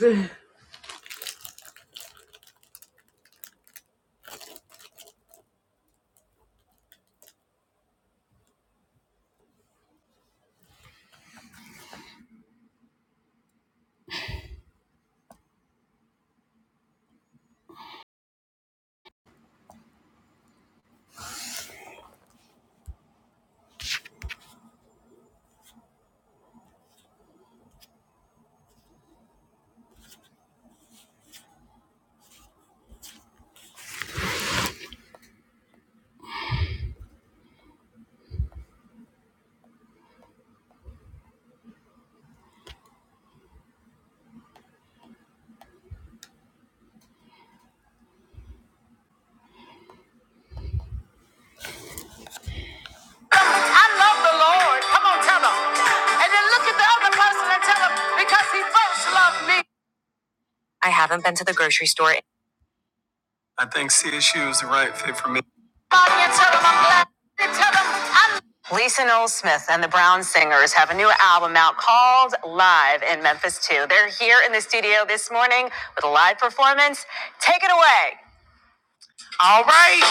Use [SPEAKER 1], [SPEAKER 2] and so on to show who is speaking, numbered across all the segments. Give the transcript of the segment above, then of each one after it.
[SPEAKER 1] I love the Lord. Come on, tell him. And then look at the other person and tell him because he first loved me. I haven't been to the grocery store. I think CSU is the right fit for me. Bobby, and tell him I'm glad. And tell him I'm. Lisa Noel Smith and the Brown Singers have a new album out called Live in Memphis 2. They're here in the studio this morning with a live performance. Take it away. All right.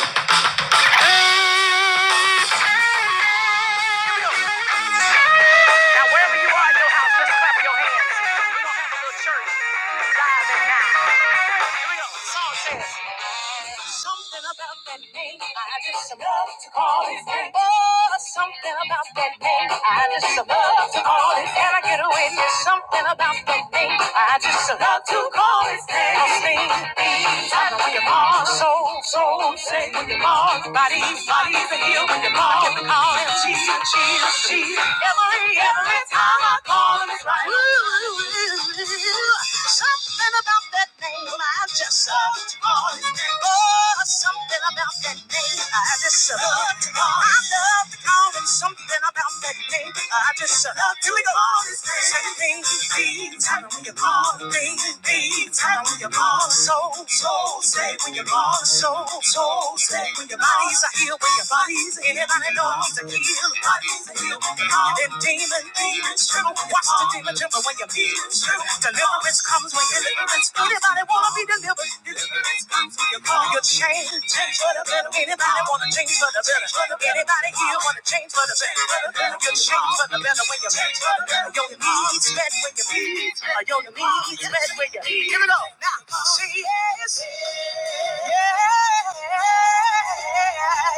[SPEAKER 1] Now, wherever you are in your house, just clap your hands. We don't have a little church. live. Something about that name, I just love to call it. Oh, something about that name, I just love to call it. Can I get away with something about that name? I just love to call it. I'll sing things when you call, soul, soul, say when you call, body, body, the heel when you call, call it, cheese, cheese, cheese. Every, every time I call him, it's right. Ooh, ooh, ooh, ooh. Something about that name I just love. Oh, something about that name I just love. I love to call it. something about that name I just love. Here we go. Say things, things, tell when you call things, things, tell when you call soul, soul, say when you call soul, soul, say when your bodies are here, when your bodies, anybody God's a healer. God is a healer. Them demon, demons true. Watch the demon tremble when you feel true. Deliverance comes when deliverance. Anybody wanna be delivered? Deliverance comes when you call your change. Change for the better. Anybody wanna change for the better? Anybody here wanna change for the better? You change for the better when you change for the better. Your needs met when you need. Or your needs met when you need. See, yeah,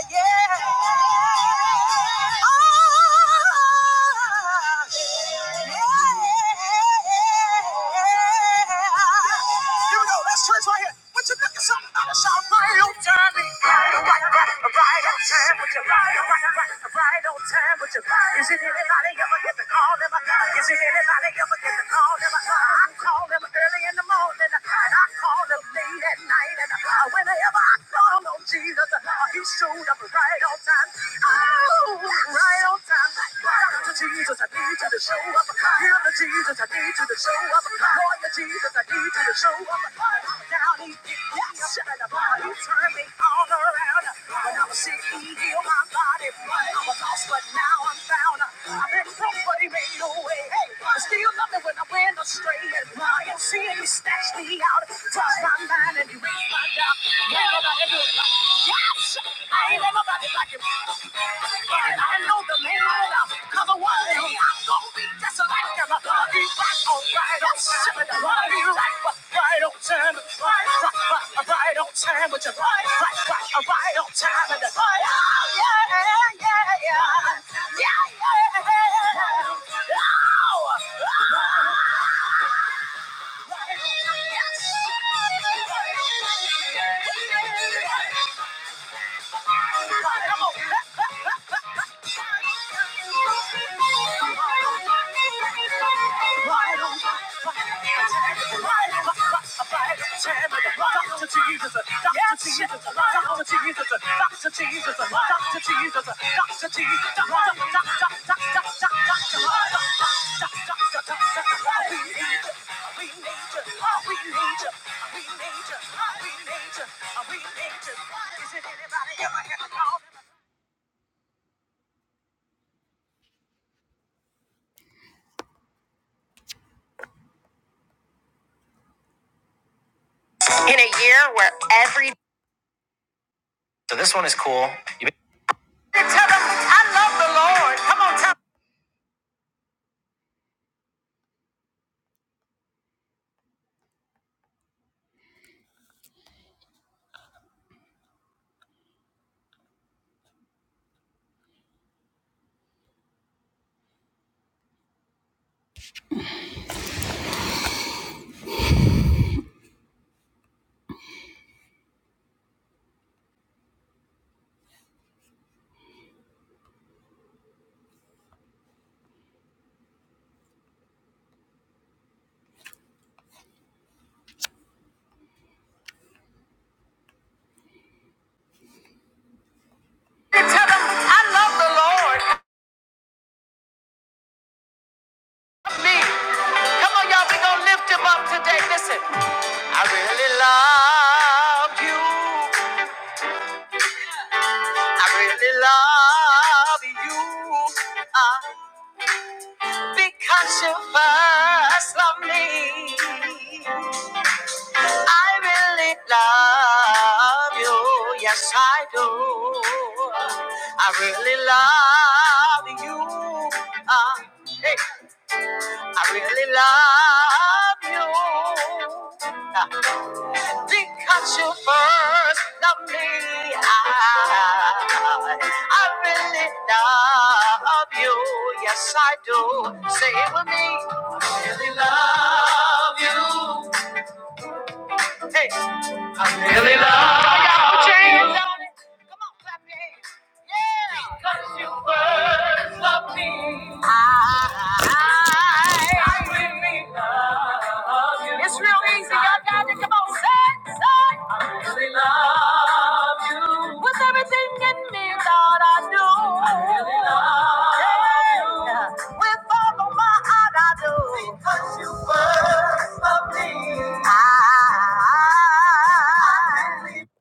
[SPEAKER 1] yeah. Oh. Here we go. Let's church with shout. Ride on time, but you ride on ride on time, but you is it anybody ever get the call in my car? is it anybody ever get the call in my car? I call them early in the morning, and I call them late at night, and uh, whenever I call on Jesus, uh, He showed up right on time. Oh, right on time. Shout out to Jesus, I need you to show up. Heal of Jesus, I need you to show up. Lawyer Jesus, I need you to show up. Down he picked me up and the body turned me all around. When I was sick, he healed my body. I was lost, but now I'm found. I've been broke, but he made a way. Hey, I still love me when I went astray. And I am seeing he snatched me out. Touched my mind and he raised my doubt. Never let it go. Yes! I ain't never nobody like him. And I know the man, cause the one day I'm gonna be just like him. I'll be right on, right on time. I'll be right, right on time. Right, right, right on time with your right, right, right, right on time. And the right, oh, yeah, yeah, yeah. Yeah, yeah. Oh! Yes! Come on. Is it anybody ever had a call? in a year where every tell them I love the Lord. Come on, tell, them, tell them I love the Lord. Me, come on, y'all, we gonna lift him up today. Listen, I really love you because you first love me. I really love you, yes I do. I really love you. Uh, hey. I really love you. Because you first loved me, I, I really love you. Yes, I do. Say it with me. Really love. With all of my heart, I do. Because you first loved me, I,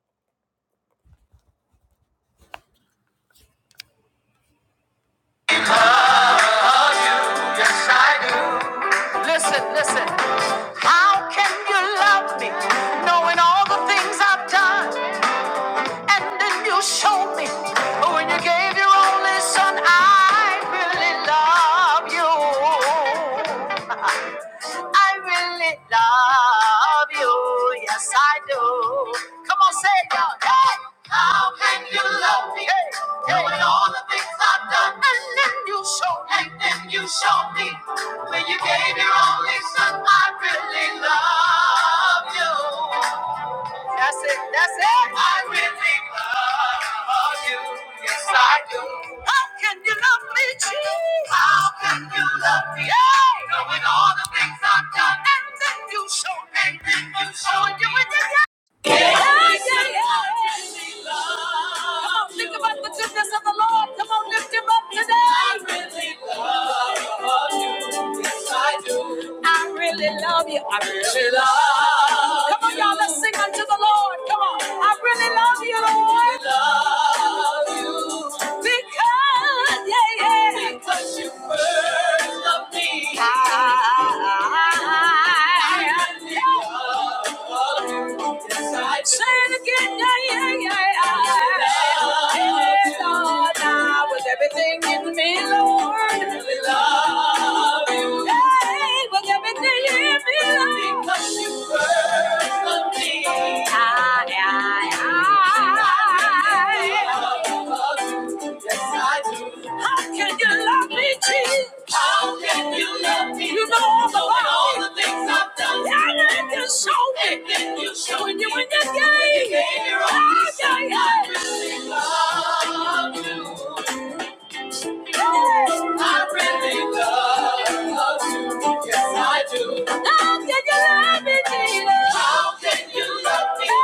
[SPEAKER 1] really- listen, listen. How can you love me knowing all the things I've done? And then you showed me when you gave your only son, I really love you. I really love you. Yes, I do. Come on, say it, y'all. Hey, that's it. That's it. I yeah, yeah, yeah. Come on, think about the goodness of the Lord. Come on, lift him up today. I really love you. Yes, I do. I really love you. I really love. you. Come on, y'all, let's sing unto Him. Can you love me, Jesus? How can you love me? You know all the, all the things I've done. And then you show me. And then you show when you when you gave. You gave your own. I I really love you. I really love you. Yes, I do. How can you love me, Jesus? How can you love me?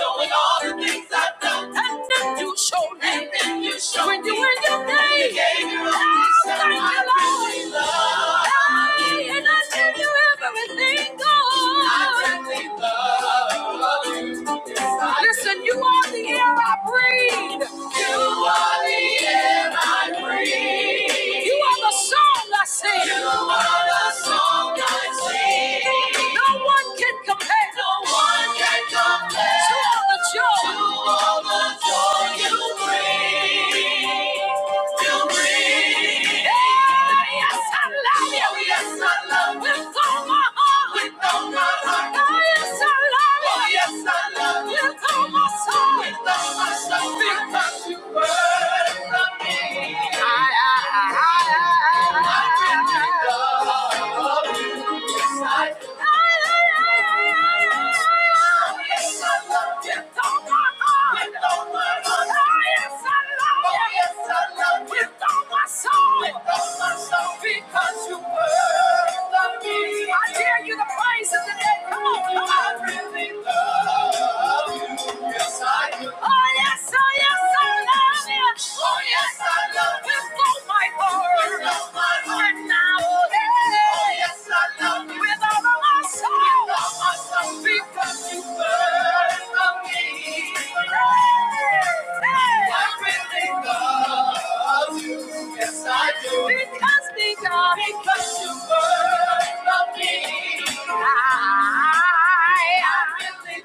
[SPEAKER 1] Knowing all the things I've done. And then you showed me. And then you showed when you me. You were your name. You gave me all oh, these thank I really love you. Hey, and I give you everything, God. I really love you. Yes, I Listen, you are the air I breathe. You are the air I breathe. You are the song I sing. You are the song I sing. No one can compare. No one can compare. To all the joy. To all the joy you bring. You bring. Oh yes, I love you. Oh yes, I love you with all my heart. With all my heart. Oh yes, I love you. Oh yes, I love you with all my soul. Because you brought me my freedom. Because you love me. I dare you to praise it today. Come on, come on. I really love you yes, I do. Oh, yes, oh, yes, I love you. Oh, yes, I love you. With all my heart. With all my heart. And now, oh, yes, I love you. With all of my soul. With all my soul. Because you burn for me. Hey, hey. I really love you. Yes, I do. Because, because. Because you burn for me. I, I really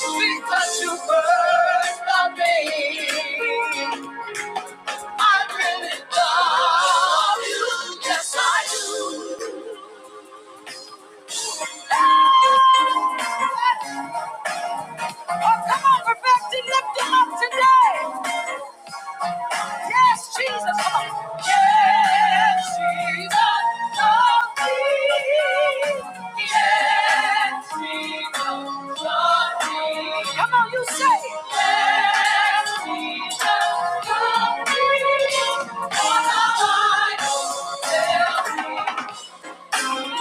[SPEAKER 1] because you first love me. I really love you. Yes, I do. Oh, come on, perfect and lift him up today. Yes, Jesus. Come on. Yes, Jesus. Love me. Yes, Jesus. Love me. Come on, you say it. Yes, Jesus. Love me. All I know, tell me. Y'all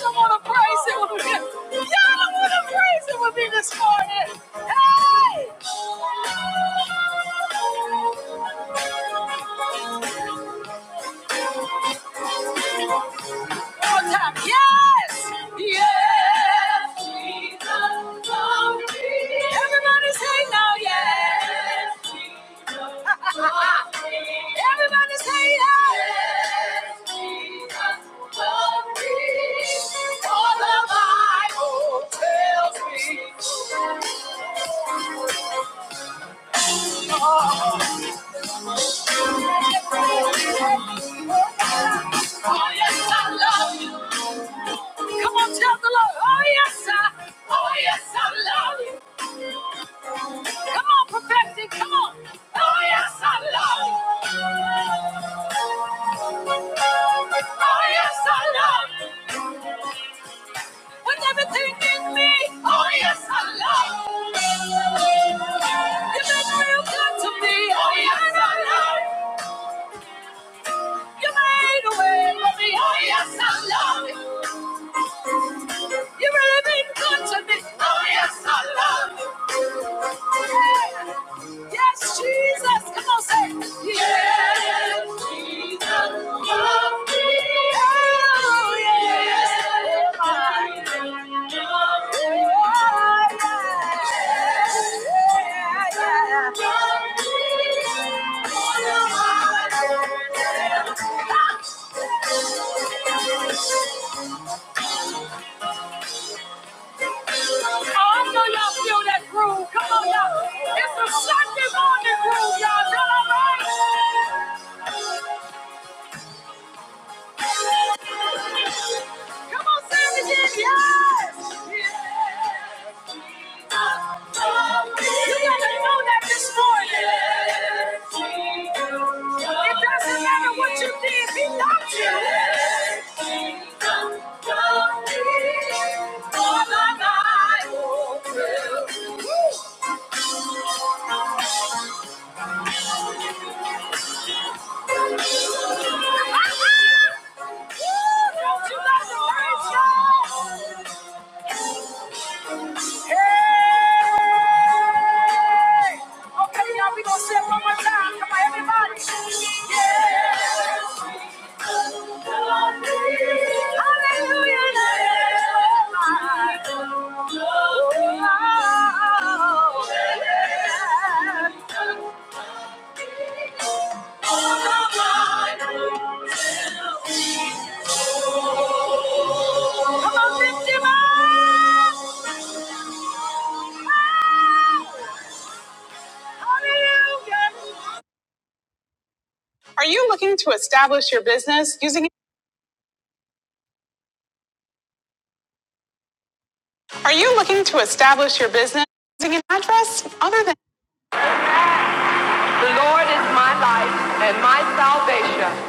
[SPEAKER 1] don't want to praise him with me. Y'all don't want to praise him with me this morning. Hey! Yes! Yes! Jesus, glory. Everybody say now, yes! Yes, Jesus, glory. Everybody say yes! Yes, Jesus, glory. For the Bible tells me. Oh, yes, oh, yes, I love you. Come on, tell the Lord. Oh, yes, I, oh, yes, I love you. Come on, perfection. Come on. Oh, yes, I love you. Oh, yes, I love you. With everything in me, oh yes, I love. you. You've been real good to me, oh yes, I love. you. You made a way for me, oh yes, I love. it. You really been good to me. Oh, yes, I love you. Yes, Jesus. Come on, say. it. Yes, Jesus. Love me. Oh, yes. I love you. Oh, yeah. Yeah, yeah. Love me. Oh, no, I love you. Oh, I know y'all feel that groove. Come on, y'all. It's a Sunday morning groove, y'all. Y'all all right? Come on, say it again. Yes. Yes. You gotta know that this morning. Yes, It doesn't matter what you did, he loved you. Yes, Jesus. All my life. Woo. Don't Hey! Okay, Yeah. Hallelujah. Come on, lift him up. Hallelujah. Are you looking to establish your business using an address other than The Lord is my life and my salvation.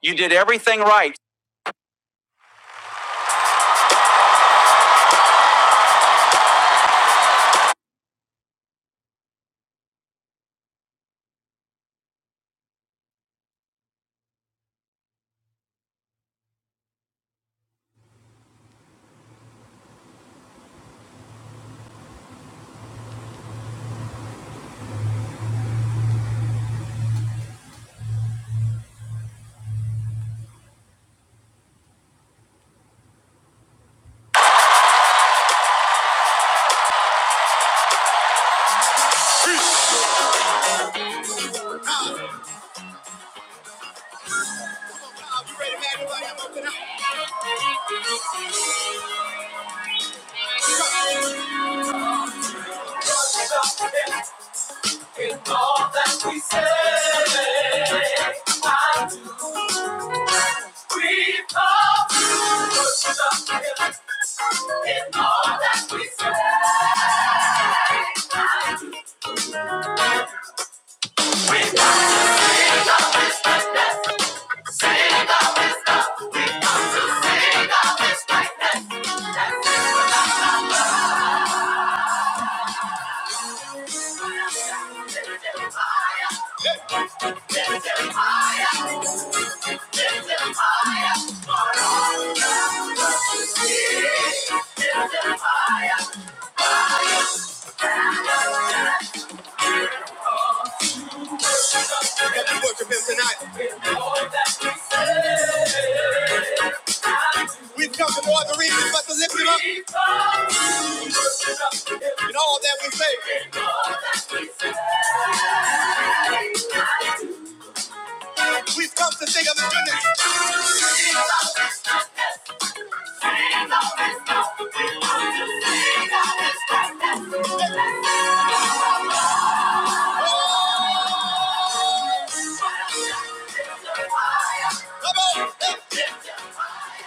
[SPEAKER 1] You did it. It's all that we say. Sit up. all that we say, we've come to sing of the goodness. Come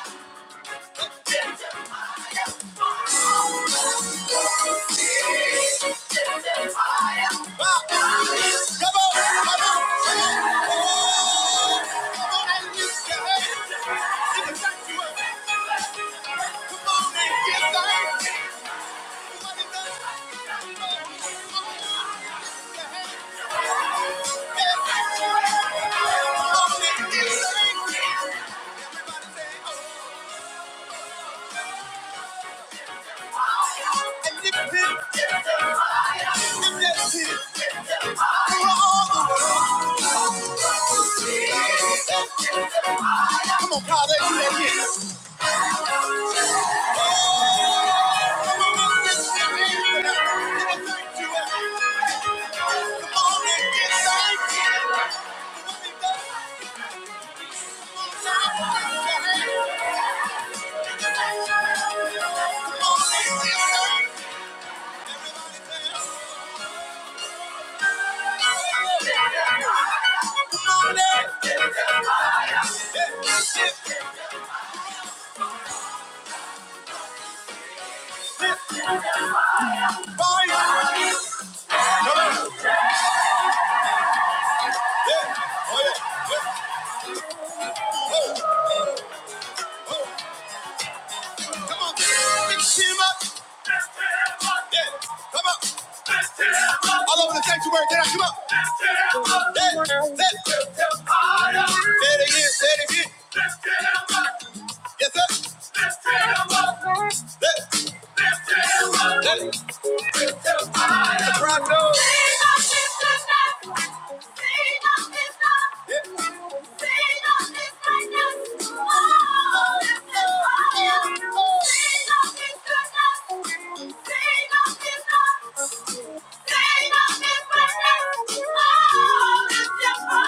[SPEAKER 1] on. come on, And you can and that's it. You're all the world. Come on, Kyle, let's do that again. All over the sanctuary, can I come up? Let, let, let. say it again, say it again. Let, let, let, Let, let, let. Say no, Thank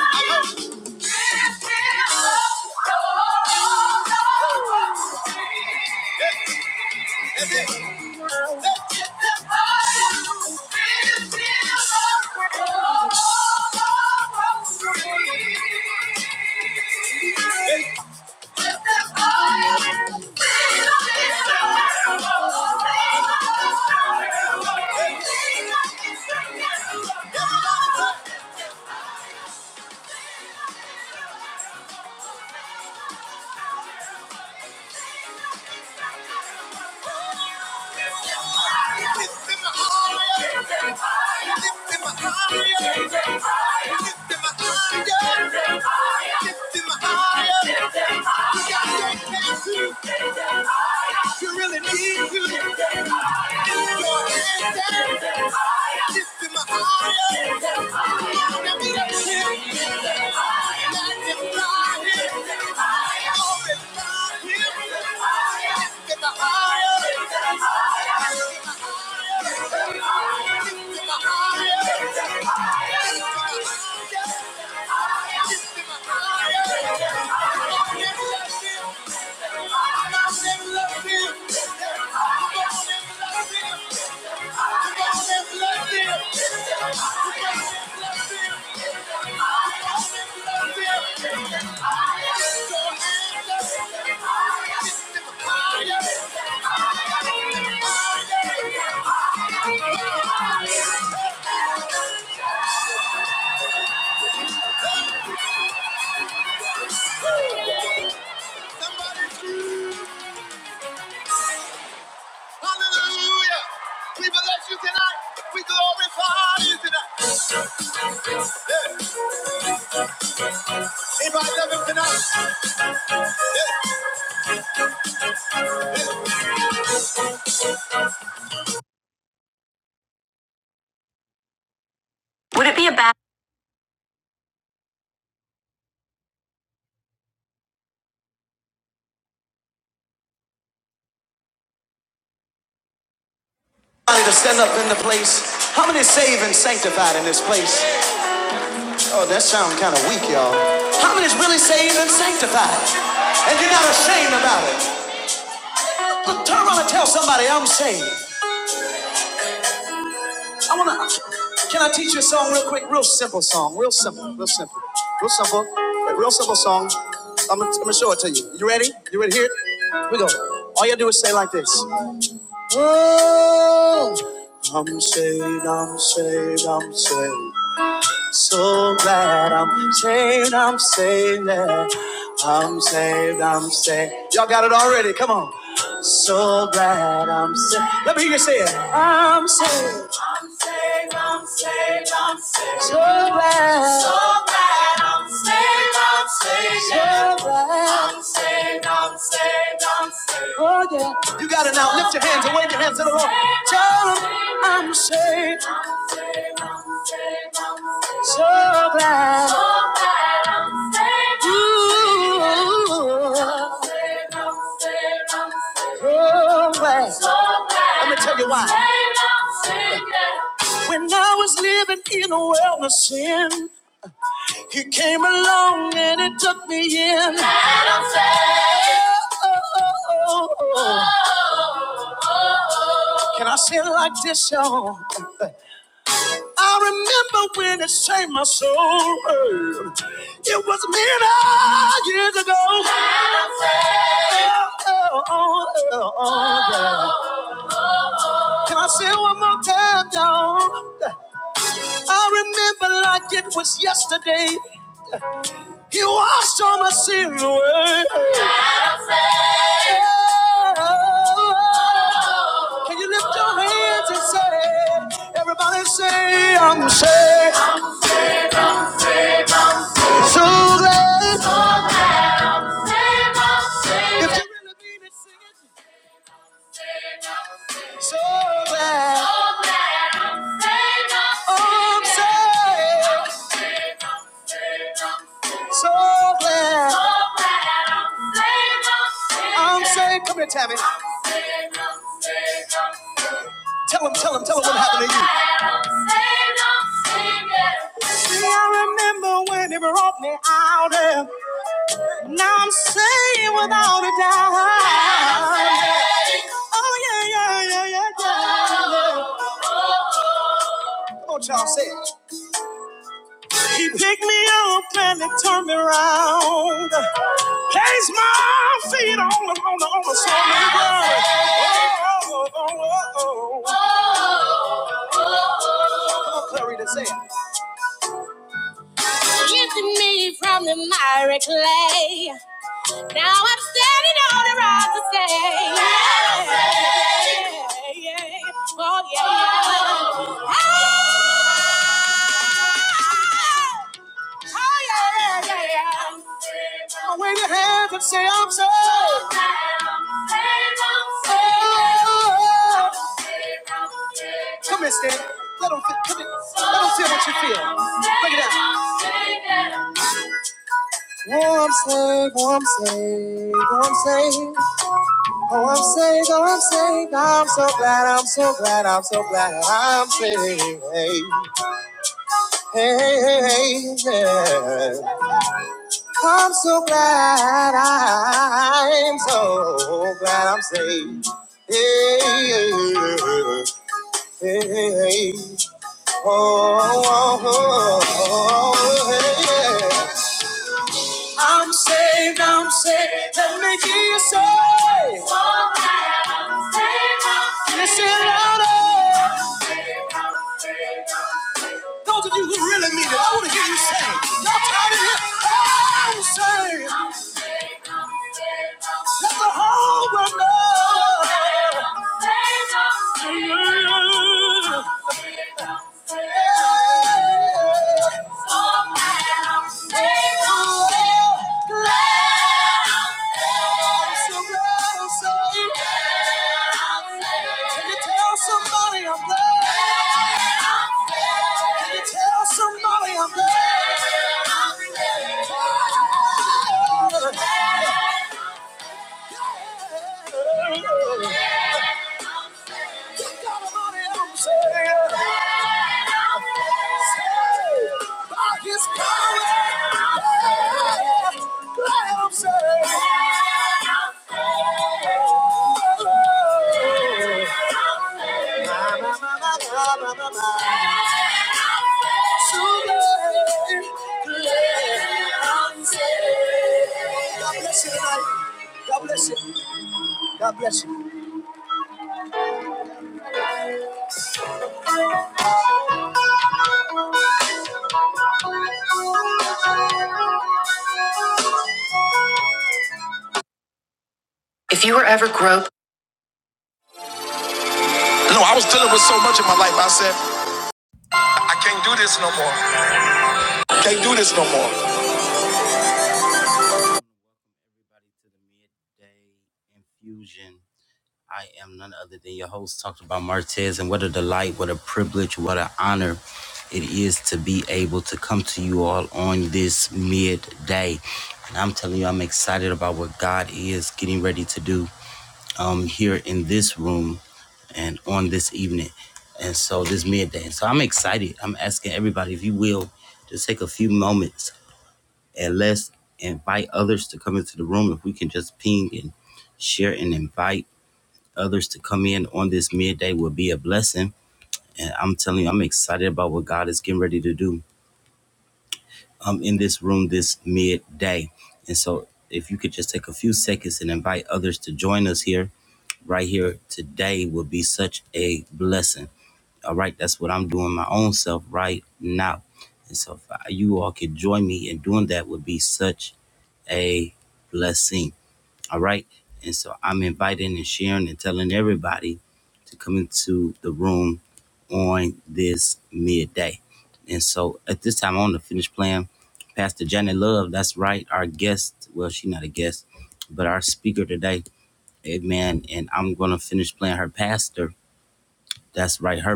[SPEAKER 1] you. You really need to. Higher. Thank you. Somebody scream. Hallelujah. We bless you tonight. We glorify you tonight. Yeah. Anybody love him tonight? Somebody to stand up in the place. How many is saved and sanctified in this place? Oh, that sound kind of weak, y'all. How many is really saved and sanctified? And you're not ashamed about it. Look, turn around and tell somebody I'm saved. I wanna. Can I teach you a song real quick? Real simple song. Real simple. Real simple. Real simple. A real simple song. I'm gonna, I'm gonna show it to you. You ready? You ready? Here. Here we go. All you do is say like this. Oh, I'm saved. I'm saved. I'm saved. So glad I'm saved. I'm saved. yeah. I'm saved. I'm saved. Y'all got it already. Come on. So glad I'm saved. Let me hear you say it. I'm saved, I'm saved, I'm saved. So glad. So glad I'm saved, I'm saved. So glad. I'm saved, I'm saved, I'm saved. Oh, yeah. You got it now. Lift your hands and wave your hands to the Lord. Tell him I'm saved. I'm saved, I'm saved, I'm saved. So glad. So glad I'm saved. Ooh. I'm saved, I'm saved, I'm saved. So bad. So bad. Let me tell you why. no When I was living in a world of sin, He came along and He took me in. Oh, oh, oh. oh. Can I say it like this, y'all? I remember when it saved my soul. It was many years ago. I'm Oh, oh, oh, oh, yeah. Can I say it one more time, y'all? I remember like it was yesterday. You washed all my sins away. Oh, Can you lift your hands and say, everybody say, I'm saved. I'm I'm saved. I'm So glad. So glad I'm saved. I'm saved. If you really mean it, sing it. Saved. I'm saved. So glad. So glad I'm saved. I'm saved. I'm saved. I'm saved. So glad So glad I'm saved, I'm saved. I'm saved. Come here, Tammy. I'm saved, I'm saved, I'm saved. Tell him, tell him, tell him So what happened to you. So glad I'm saved, I'm saved. yeah. See, I remember when he brought me out. and Now I'm saved without a doubt. Oh, yeah, yeah, yeah, yeah, yeah. Come on, y'all, say it. He picked me up and he turned me around. Placed my feet on the on the on the solid ground. Oh, oh, oh, oh, oh. Come on, Clarita, say it. Lifted me from the miry clay. Now I'm standing on the rock to stay. Yeah, yeah, yeah. Oh, yeah. Oh. Oh, yeah, yeah, yeah. Wave your hands and say, I'm saved. Oh, I'm saved, I'm saved. I'm saved, Come here, Stan. Let them, feel, come here. Let them feel what you feel. Look it that. Oh, I'm saved, oh, I'm saved, oh, I'm saved. Oh, I'm saved, oh, I'm saved. I'm so glad, I'm so glad, I'm so glad I'm saved. Hey, hey, hey, hey, yeah. I'm so glad I'm so glad I'm saved. Hey, hey, hey, hey. Oh, oh, oh, oh, hey, yeah. I'm Saved, I'm saved. Let me hear you say. So glad I'm saved. I'm saved. Listen louder. I'm saved. louder. Those of you who really mean it, I want to hear you say. Y'all tired of it? I'm saved. Let the whole world know. Yeah. Yeah. Yeah. Yeah. Yeah. Somebody I'm glad. Can you tell somebody I'm glad? Fusion. I am none other than your host, talking about Martez, and what a delight, what a privilege, what an honor it is to be able to come to you all on this midday. And I'm telling you, I'm excited about what God is getting ready to do um, here in this room and on this evening. And so this midday. So I'm excited. I'm asking everybody, if you will, just take a few moments and let's invite others to come into the room. If we can just ping and share and invite others to come in on this midday will be a blessing. And I'm telling you, I'm excited about what God is getting ready to do um, in this room this midday. And so, if you could just take a few seconds and invite others to join us here, right here today, will be such a blessing. All right, that's what I'm doing my own self right now. And so, if you all could join me in doing that, would be such a blessing. All right. And so I'm inviting and sharing and telling everybody to come into the room on this midday. And so at this time, I want to finish playing Pastor Janet Love. That's right. Our guest, well, she's not a guest, but our speaker today. Amen. And I'm going to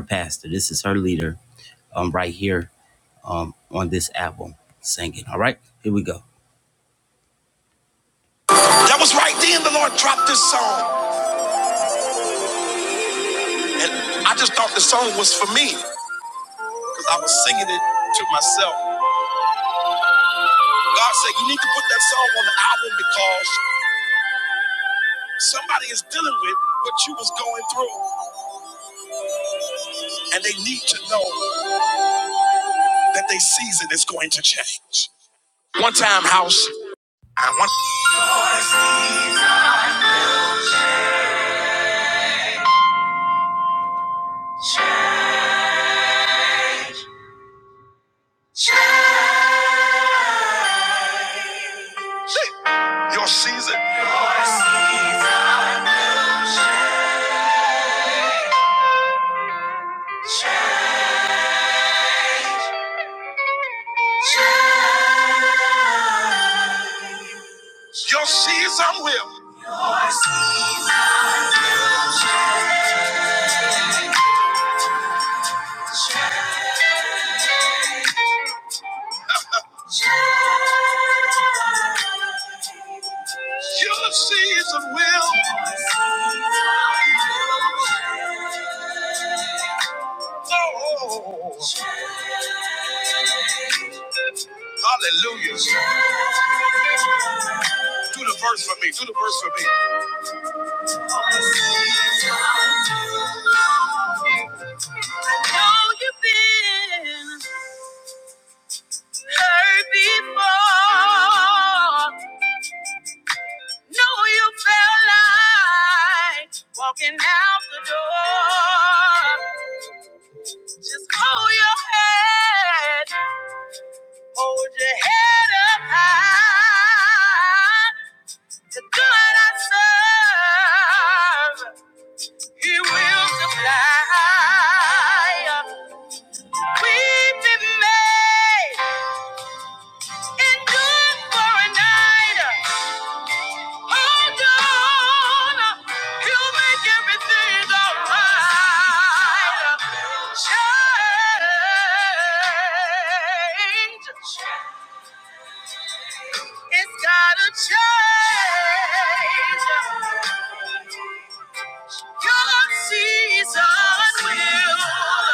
[SPEAKER 1] pastor. This is her um, right here um, on this album singing. All right. Here we go. That was right then the Lord dropped this song. And I just thought the song was for me because I was singing it to myself. God said you need to put that song on the album because somebody is dealing with what you was going through, and they need to know that their season is going to change. One time, house. I want your season. Your season will. Your season will. Oh, Hallelujah. Do the verse for me. Do the verse for me. Know you've been hurt before. Know you felt like walking out the door. Just hold your head, hold your head up high. To God I serve, He will supply. We've Weeping may endure for a night. Hold on, He'll make everything alright. Change, it's gotta change. God's Son will.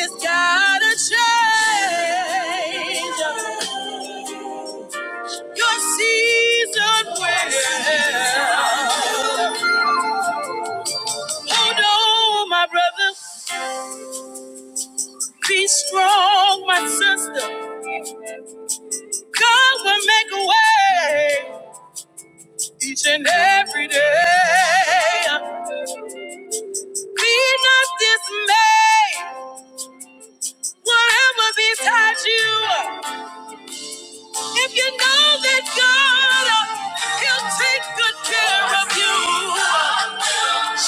[SPEAKER 1] It's gotta change. Your season will. Oh no, my brother. Be strong, my sister. God will make a way each and every day. Be not dismayed. Whatever besides you. If you know that God, uh, He'll take good care of you.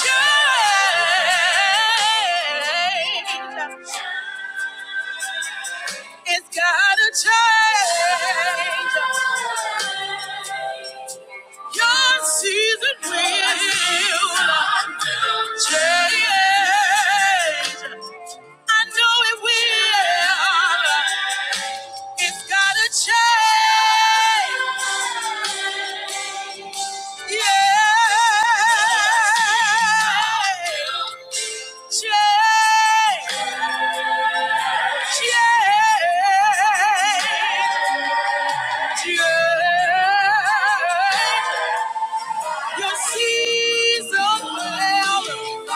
[SPEAKER 1] Change. It's gotta change. Real change. It will change. Your season will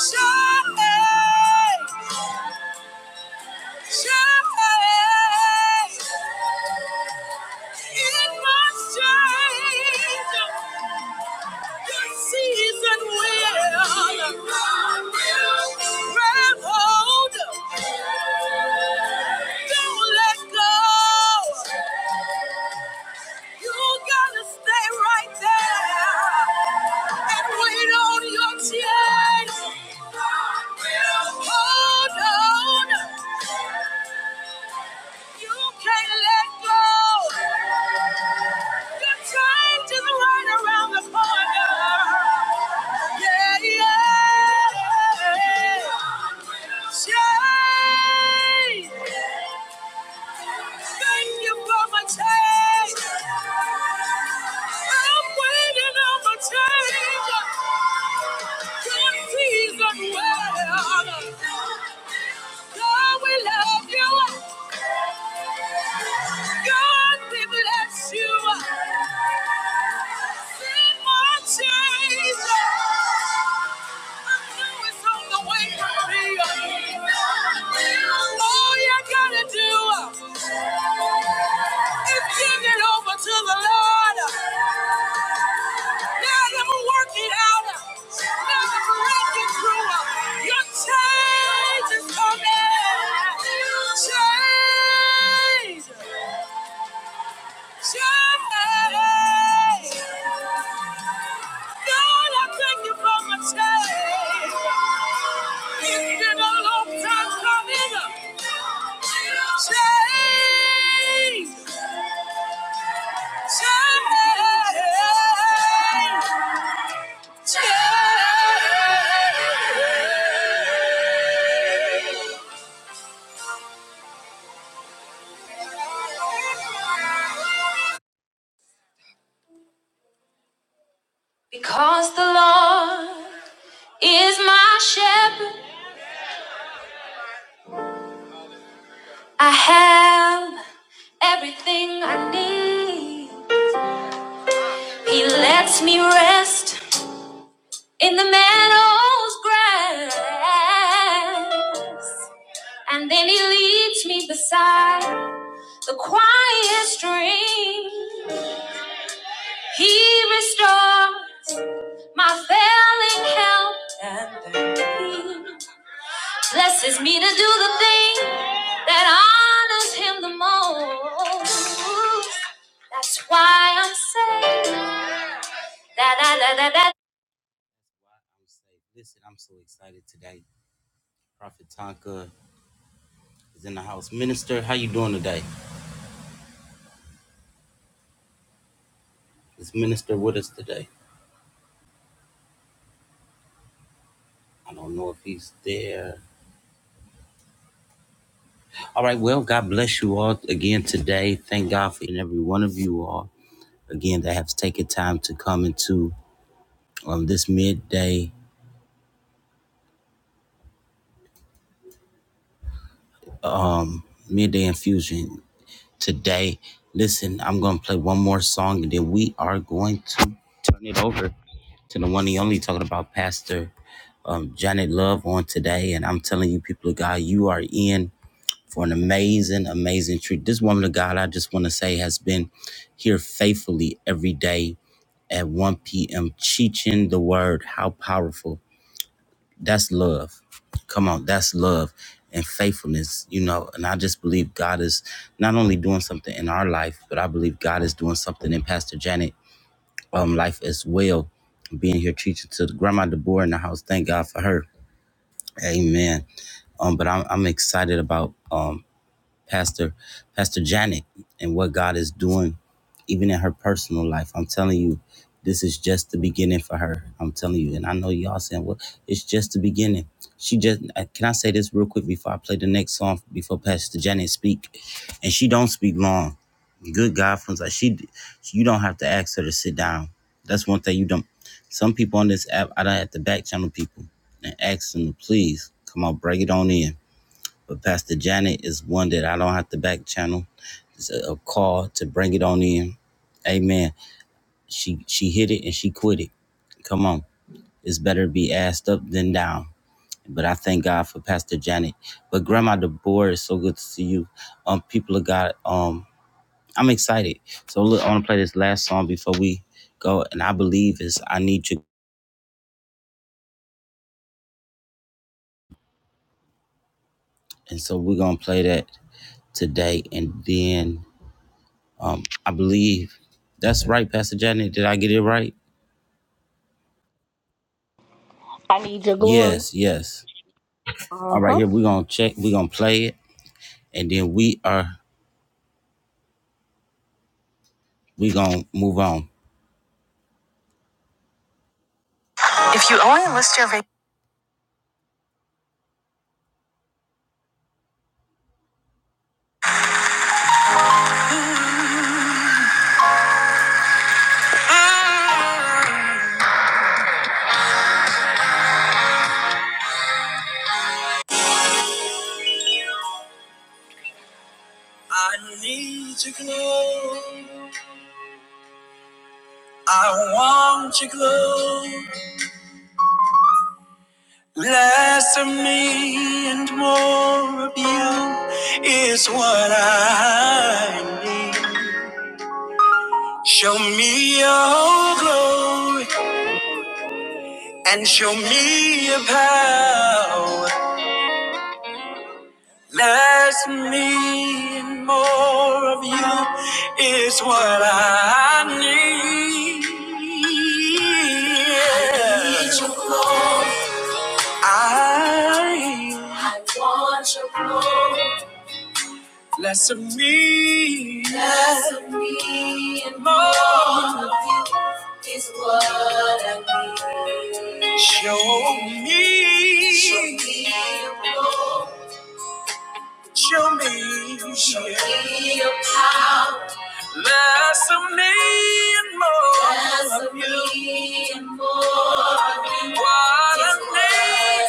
[SPEAKER 1] shine. Don't let go. You gotta stay right there and wait on your chance. Hold on, you can't let go. Your change is right around the corner. Yeah, yeah. Change. Thank you for my change. I'm waiting on my change. Your season well. God, we love you. God, we bless you. Send my change. Change is coming. Change. He lets me rest in the meadow's grass, and then he leads me beside the quiet stream. He restores my failing health and peace. Blesses me to do the thing that honors him the most. That's why I'm saved. Da, da, da, da, da. Listen, I'm so excited today. Prophet Tonka is in the house. Minister, how you doing today? Is Minister with us today? I don't know if he's there. All right. Well, God bless you all again today. Thank God for every one of you all again that have taken time to come into um, this midday midday infusion today. Listen, I'm gonna play one more song and then we are going to turn it over to the one and only talking about Pastor um, Janet Love on today, and I'm telling you, people, in an amazing, amazing treat. This woman of God, I just want to say, has been here faithfully every day at 1 p.m. teaching the word. How powerful. That's love. Come on, that's love and faithfulness, you know. And I just believe God is not only doing something in our life, but I believe God is doing something in Pastor Janet um life as well. Being here teaching to Grandma Deborah in the house, thank um, but I'm, I'm excited. Um, Pastor is doing even in her personal life. I'm telling you, this is just the beginning for her. I'm telling you, and I know y'all saying, "Well, it's just the beginning." She just uh, can I say this real quick before I play the next song before Pastor Janet speak, and she don't speak long. Good God from like she, you don't have to ask her to sit down. That's one thing you don't. Some people on this app, I don't have to back channel people and ask them to please come on, break it on in. But Pastor Janet is one that I don't have to back channel. It's a, a call to bring it on in Amen. She she hit it and she quit it. Come on. It's better to be assed up than down. But I thank God for Pastor Janet. But Grandma Deborah, it's so good to see you. Um, people of God, um, I'm excited. So look, I want to play this last song before we go, and I believe it's I Need You. And so we're gonna play that today, and then um, I believe that's right, Pastor Janet. Did I get it right?
[SPEAKER 2] I need your glory.
[SPEAKER 1] Yes, yes. All
[SPEAKER 2] Uh
[SPEAKER 1] right,
[SPEAKER 2] huh.
[SPEAKER 1] here we're gonna check. We're gonna play it, and then we are. If you only list your vac- I need to glow. I want to glow. Less of me and more of you is what I need. Show me your glory and show me your power. Less of me and more of you is what I need. I need your glory. I, I want your glory. Less of me. Less of me and more of you is what I need. Show me. Show me. Show me. Show me. Less of me and more of you. What I need.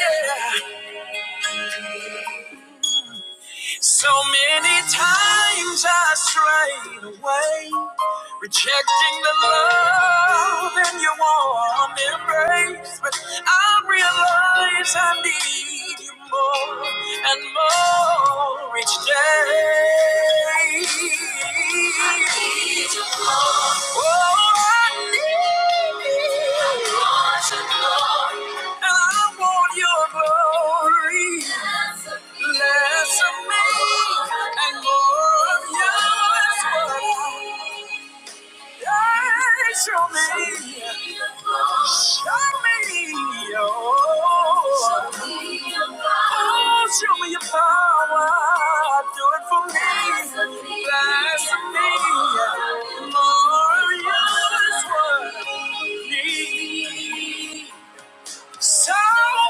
[SPEAKER 1] yeah. So many times I strayed away, rejecting the love in your warm embrace. But I realize I need you more and more each day. I need you more. Oh, I need you. And I want your glory. Less of me and more of you is what I want. Yeah, Show me, show me your, oh, show me your power. Do it for me. Less of me, and more of you is what I need. So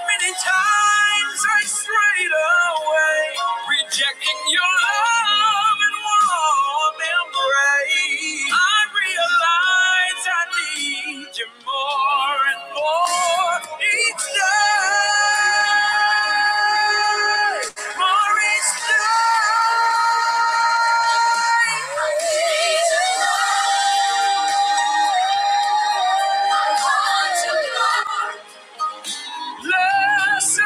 [SPEAKER 1] many times I strayed away, rejecting your love and warm embrace. I realize I need you more and more each day. More each day. I need you, more I want you, Lord. Less of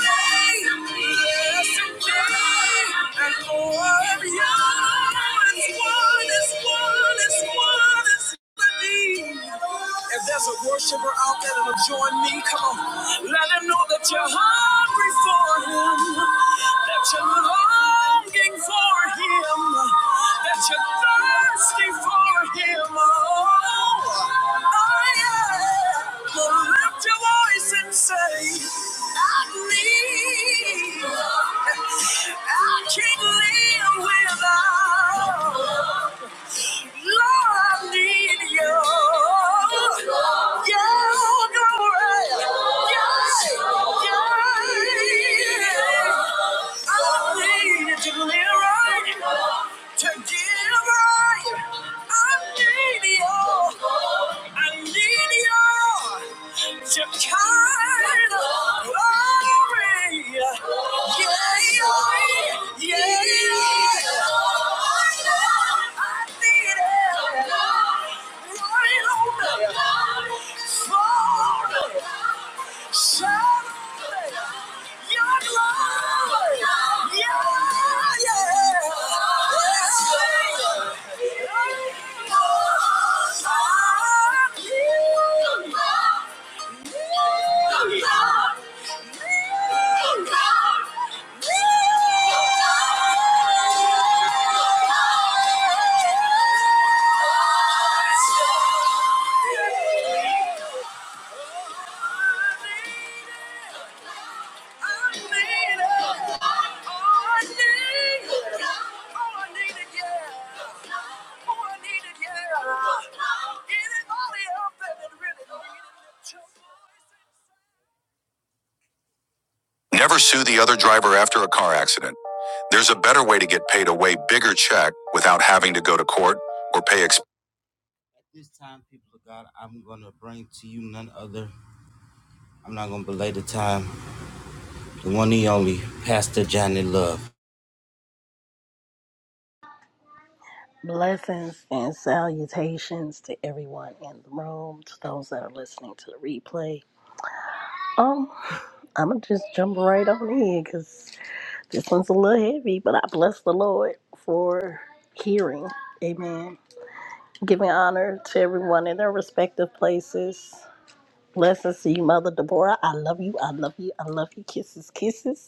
[SPEAKER 1] me, less of me, and more of you. It's one, it's one, it's one, it's one of me. If there's a worshiper out there that'll join me, come on. let let him know that you're hungry for him, that you're longing for him, that you're thirsty for him. Oh, oh yeah. So lift your voice and say, I need, I can't live without. Lord, I need you. You're glory. Yeah, yeah. I need you to live right, to give right. I need you. I need you your kind of glory. Yeah, yeah, yeah. Yeah. Anybody else that really needed to Never sue the other driver after a car accident. There's a better way to get paid a way bigger check without having to go to court or pay expenses. This time, people of God, I'm going to bring to you none other. I'm not going to belay the time. The one he only, Pastor Love.
[SPEAKER 2] Blessings and salutations to everyone in the room, to those that are listening to the replay. Um, I'm gonna just jump right on in because this one's a little heavy, but I bless the Lord for hearing. Amen. Giving honor to everyone in their respective places. Blessings to you, Mother Deborah. I love you. I love you. I love you. Kisses, kisses.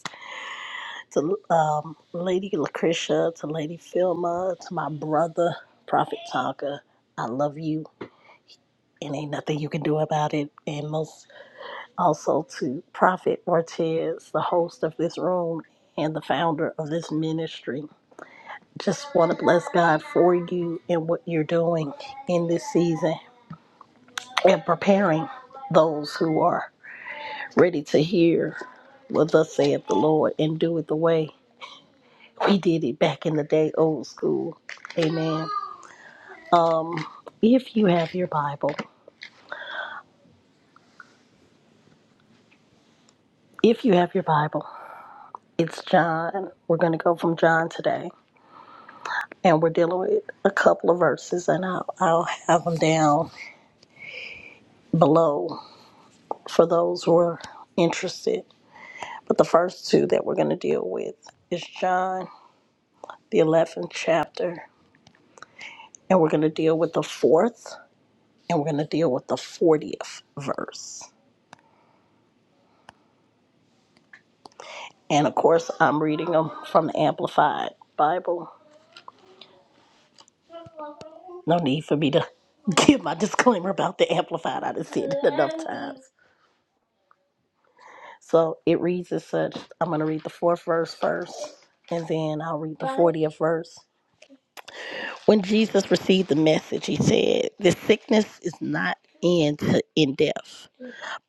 [SPEAKER 2] to um, Lady Lucretia, to Lady Filma, to my brother, Prophet Tonka. I love you, and ain't nothing you can do about it. And most also to Prophet Ortiz, the host of this room and the founder of this ministry. Just want to bless God for you and what you're doing in this season and preparing those who are ready to hear what thus saith the Lord and do it the way We did it back in the day, old school. Amen. Um, if you have your Bible, if you have your Bible, it's John. We're going to go from John today, and we're dealing with a couple of verses, and I'll, I'll have them down below for those who are interested. But the first two that we're going to deal with is John, the 11th chapter, and we're going to deal with the fourth, and we're going to deal with the 40th verse. And of course, I'm reading them from the Amplified Bible. No need for me to give my disclaimer about the Amplified. I done said it enough times. So it reads as such. I'm going to read the fourth verse first, and then I'll read the 40th verse. When Jesus received the message, he said, This sickness is not end to in death.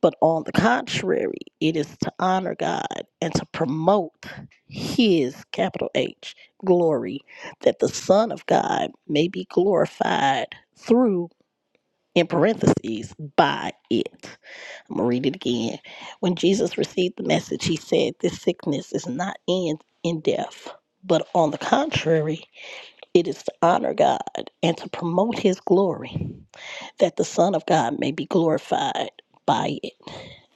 [SPEAKER 2] But on the contrary, it is to honor God and to promote His, capital H, glory, that the Son of God may be glorified through, in parentheses, by it. I'm going to read it again. When Jesus received the message, he said, This sickness is not in, in death. But on the contrary, it is to honor God and to promote His glory, that the Son of God may be glorified by it.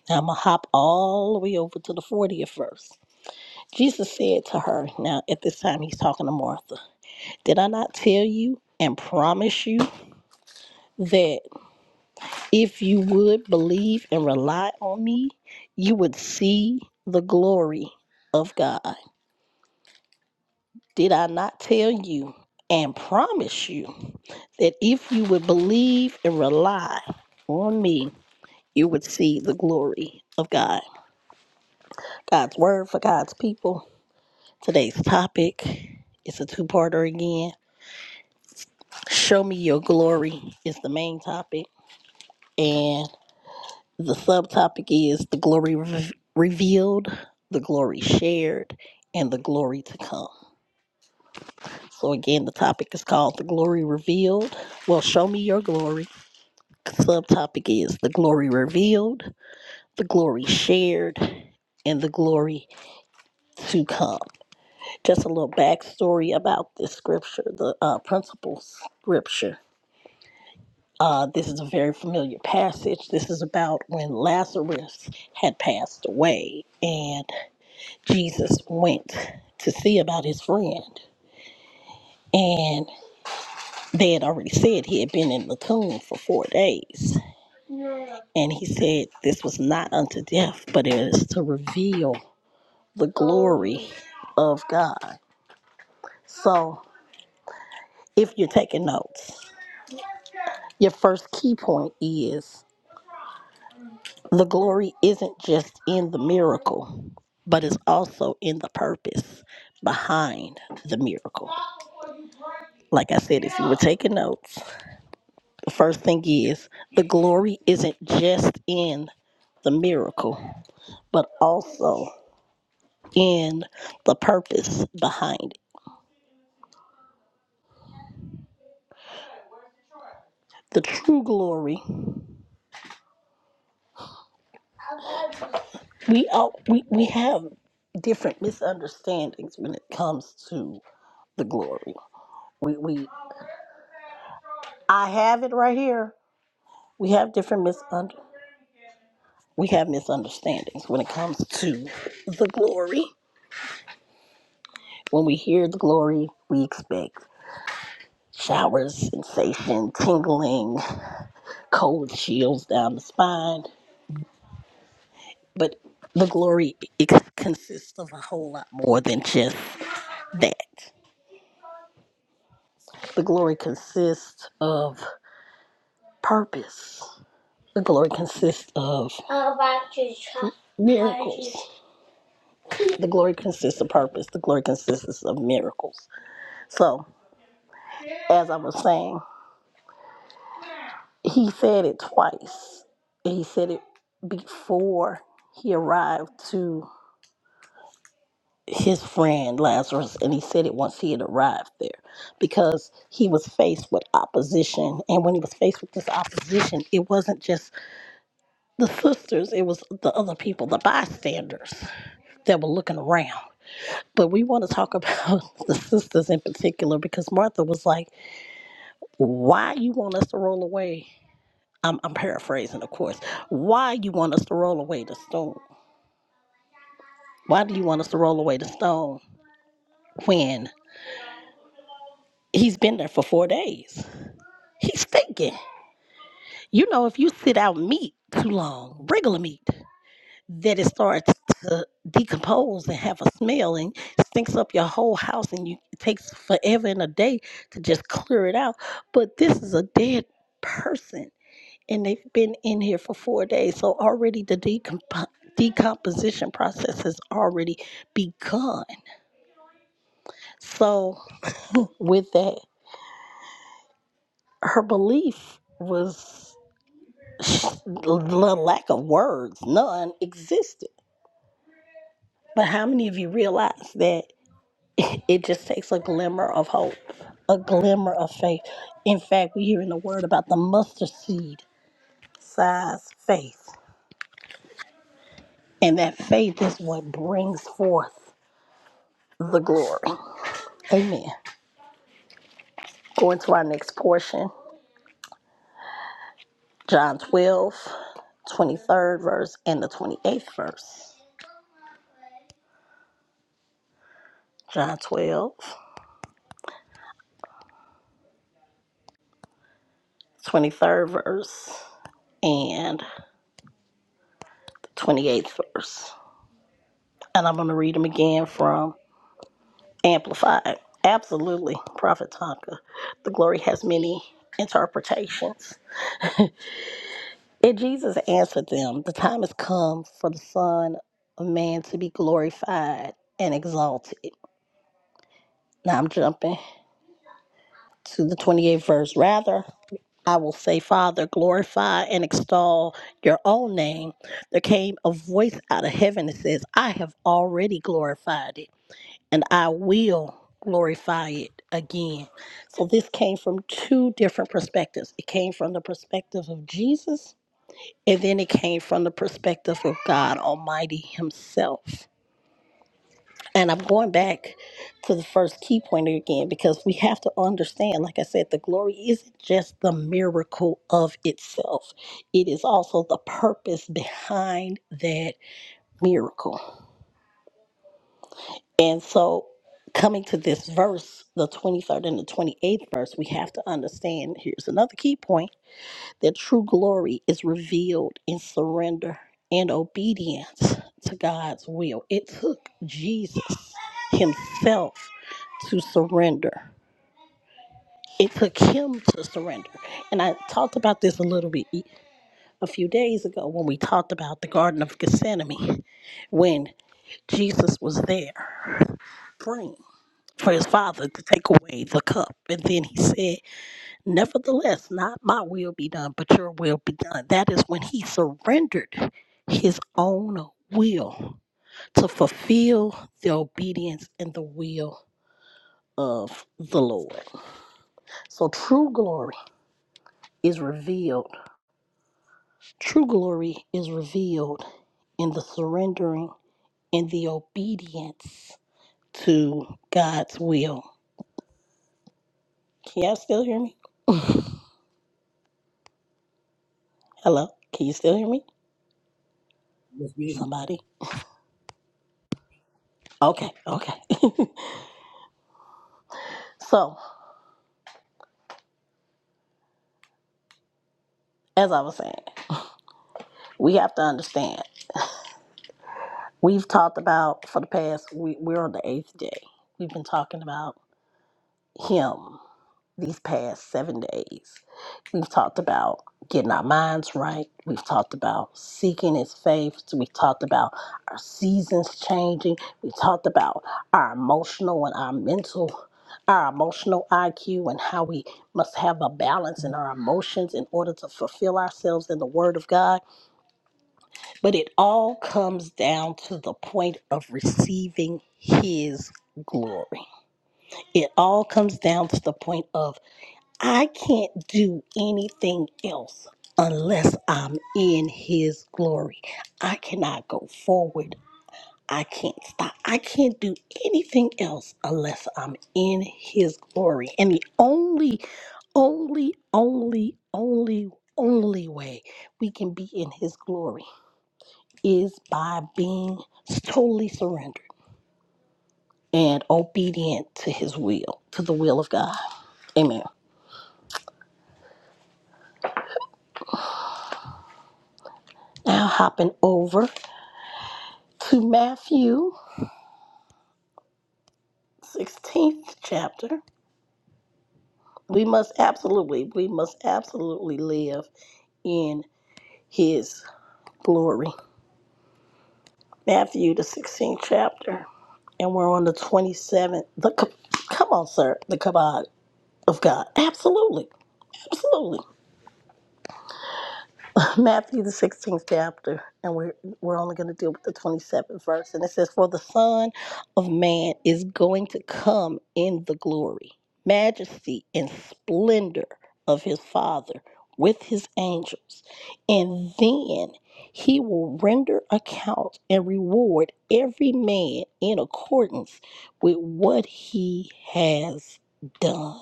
[SPEAKER 2] Now I'm going to hop all the way over to the 40th verse. Jesus said to her, now at this time he's talking to Martha, Did I not tell you and promise you that if you would believe and rely on me, you would see the glory of God? Did I not tell you and promise you that if you would believe and rely on me, you would see the glory of God? God's word for God's people Today's topic is a two parter again. Show me your glory is the main topic, and the subtopic is the glory re- revealed, the glory shared, and the glory to come. So, again, the topic is called the glory revealed. Well, show me your glory. Subtopic is the glory revealed, the glory shared, and the glory to come. Just a little backstory about this scripture, the uh, principal scripture Uh, this is a very familiar passage. This is about when Lazarus had passed away and Jesus went to see about his friend. And they had already said he had been in the tomb for four days. And he said, This was not unto death, but it is to reveal the glory of God. So if you're taking notes, your first key point is The glory isn't just in the miracle, but it's also in the purpose behind the miracle. Like I said, if you were taking notes, the first thing is the glory isn't just in the miracle, but also in the purpose behind it. The true glory, we all, we, we have different misunderstandings when it comes to the glory. We, we I have it right here. We have different misunderstandings we have misunderstandings when it comes to the glory. When we hear the glory, we expect showers, sensation, tingling, cold chills down the spine. But the glory ex- consists of a whole lot more than just that. The glory consists of purpose. The glory consists of miracles. The glory consists of purpose. The glory consists of miracles. So, as I was saying, He said it twice. And he said it before he arrived to his friend Lazarus, and he said it once he had arrived there because he was faced with opposition. And when he was faced with this opposition, it wasn't just the sisters, it was the other people, the bystanders that were looking around. But we want to talk about the sisters in particular because Martha was like, Why you want us to roll away? I'm, I'm paraphrasing, of course. Why you want us to roll away the stone? Why do you want us to roll away the stone when he's been there for four days? He's thinking. You know, if you sit out meat too long, regular meat, that it starts to decompose and have a smell and stinks up your whole house, and you, it takes forever and a day to just clear it out. But this is a dead person. and they've been in here for four days. So already the decomp- decomposition process has already begun. So with that, her belief was the lack of words, none existed. But how many of you realize that it just takes a glimmer of hope, a glimmer of faith? In fact, we hear in the word about the mustard seed size faith. And that faith is what brings forth the glory. Amen. Going to our next portion, John twelve twenty third verse, and the 28th verse. John twelve twenty third verse, and the 28th verse. And I'm going to read them again from Amplified. Absolutely, Prophet Tonka. The glory has many interpretations. And Jesus answered them, The time has come for the Son of Man to be glorified and exalted. Now I'm jumping to the 28th verse. Rather, I will say, Father, glorify and extol your own name. There came a voice out of heaven that says, I have already glorified it, and I will glorify it again. So this came from two different perspectives. It came from the perspective of Jesus, and then it came from the perspective of God Almighty Himself. And I'm going back to the first key point again because we have to understand, like I said, the glory isn't just the miracle of itself, it is also the purpose behind that miracle. And so, coming to this verse, the 23rd and the 28th verse, we have to understand here's another key point their true glory is revealed in surrender and obedience to God's will. It took Jesus himself to surrender. It took him to surrender. And I talked about this a little bit a few days ago when we talked about the Garden of Gethsemane, when Jesus was there praying for his father to take away the cup. And then he said, Nevertheless, not my will be done, but your will be done. That is when he surrendered his own will to fulfill the obedience and the will of the Lord. So true glory is revealed. True glory is revealed in the surrendering and the obedience to God's will. Can y'all still hear me? Hello? Can you still hear me? Somebody? Okay, okay. so, as I was saying, we have to understand. We've talked about for the past, we, we're on the eighth day. We've been talking about Him these past seven days. We've talked about getting our minds right. We've talked about seeking His face. We've talked about our seasons changing. We've talked about our emotional and our mental. Our emotional IQ and how we must have a balance in our emotions in order to fulfill ourselves in the Word of God But it all comes down to the point of receiving His glory. It all comes down to the point of I can't do anything else unless I'm in His glory. I cannot go forward. I can't stop. I can't do anything else unless I'm in His glory. And the only, only, only, only, only way we can be in His glory is by being totally surrendered and obedient to his will, to the will of God. Amen. Now, hopping over to Matthew 16th chapter, we must absolutely, we must absolutely live in his glory. Matthew, the 16th chapter, and we're on the 27th. The, co- come on, sir, the kabod of God. Absolutely, absolutely. Matthew the 16th chapter, and we're we're only going to deal with the 27th verse, and it says, "For the Son of Man is going to come in the glory, majesty, and splendor of his Father with his angels, and then he will render account and reward every man in accordance with what he has done."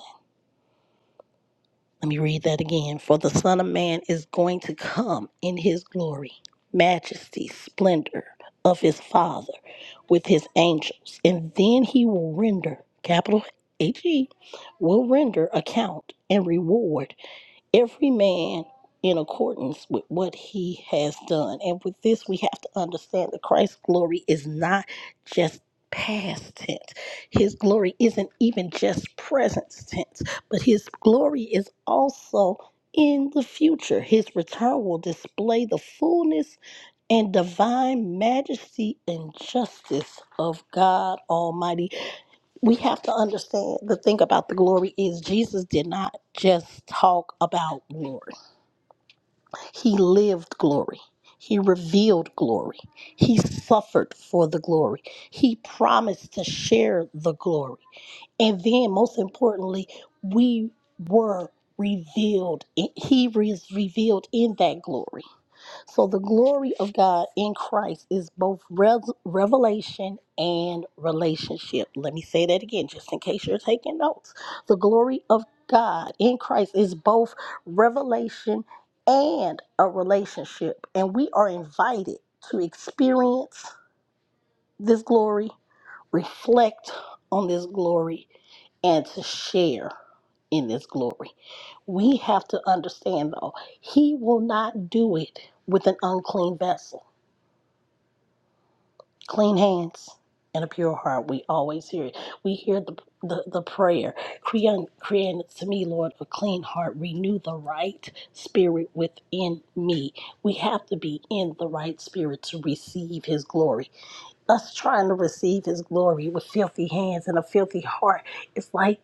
[SPEAKER 2] Let me read that again. For the Son of Man is going to come in his glory, majesty, splendor of his Father with his angels, and then he will render, capital H E, will render account and reward every man in accordance with what he has done. And with this, we have to understand that Christ's glory is not just past tense. His glory isn't even just present tense, but his glory is also in the future. His return will display the fullness and divine majesty and justice of God Almighty. We have to understand the thing about the glory is Jesus did not just talk about glory. He lived glory. He revealed glory. He suffered for the glory. He promised to share the glory. And then, most importantly, we were revealed. He was revealed in that glory. So the glory of God in Christ is both res- revelation and relationship. Let me say that again, just in case you're taking notes. The glory of God in Christ is both revelation and a relationship. And we are invited to experience this glory, reflect on this glory, and to share in this glory. We have to understand, though, He will not do it with an unclean vessel. clean hands and a pure heart we always hear it we hear the the, the prayer create create to me lord a clean heart renew the right spirit within me we have to be in the right spirit to receive his glory us trying to receive his glory with filthy hands and a filthy heart it's like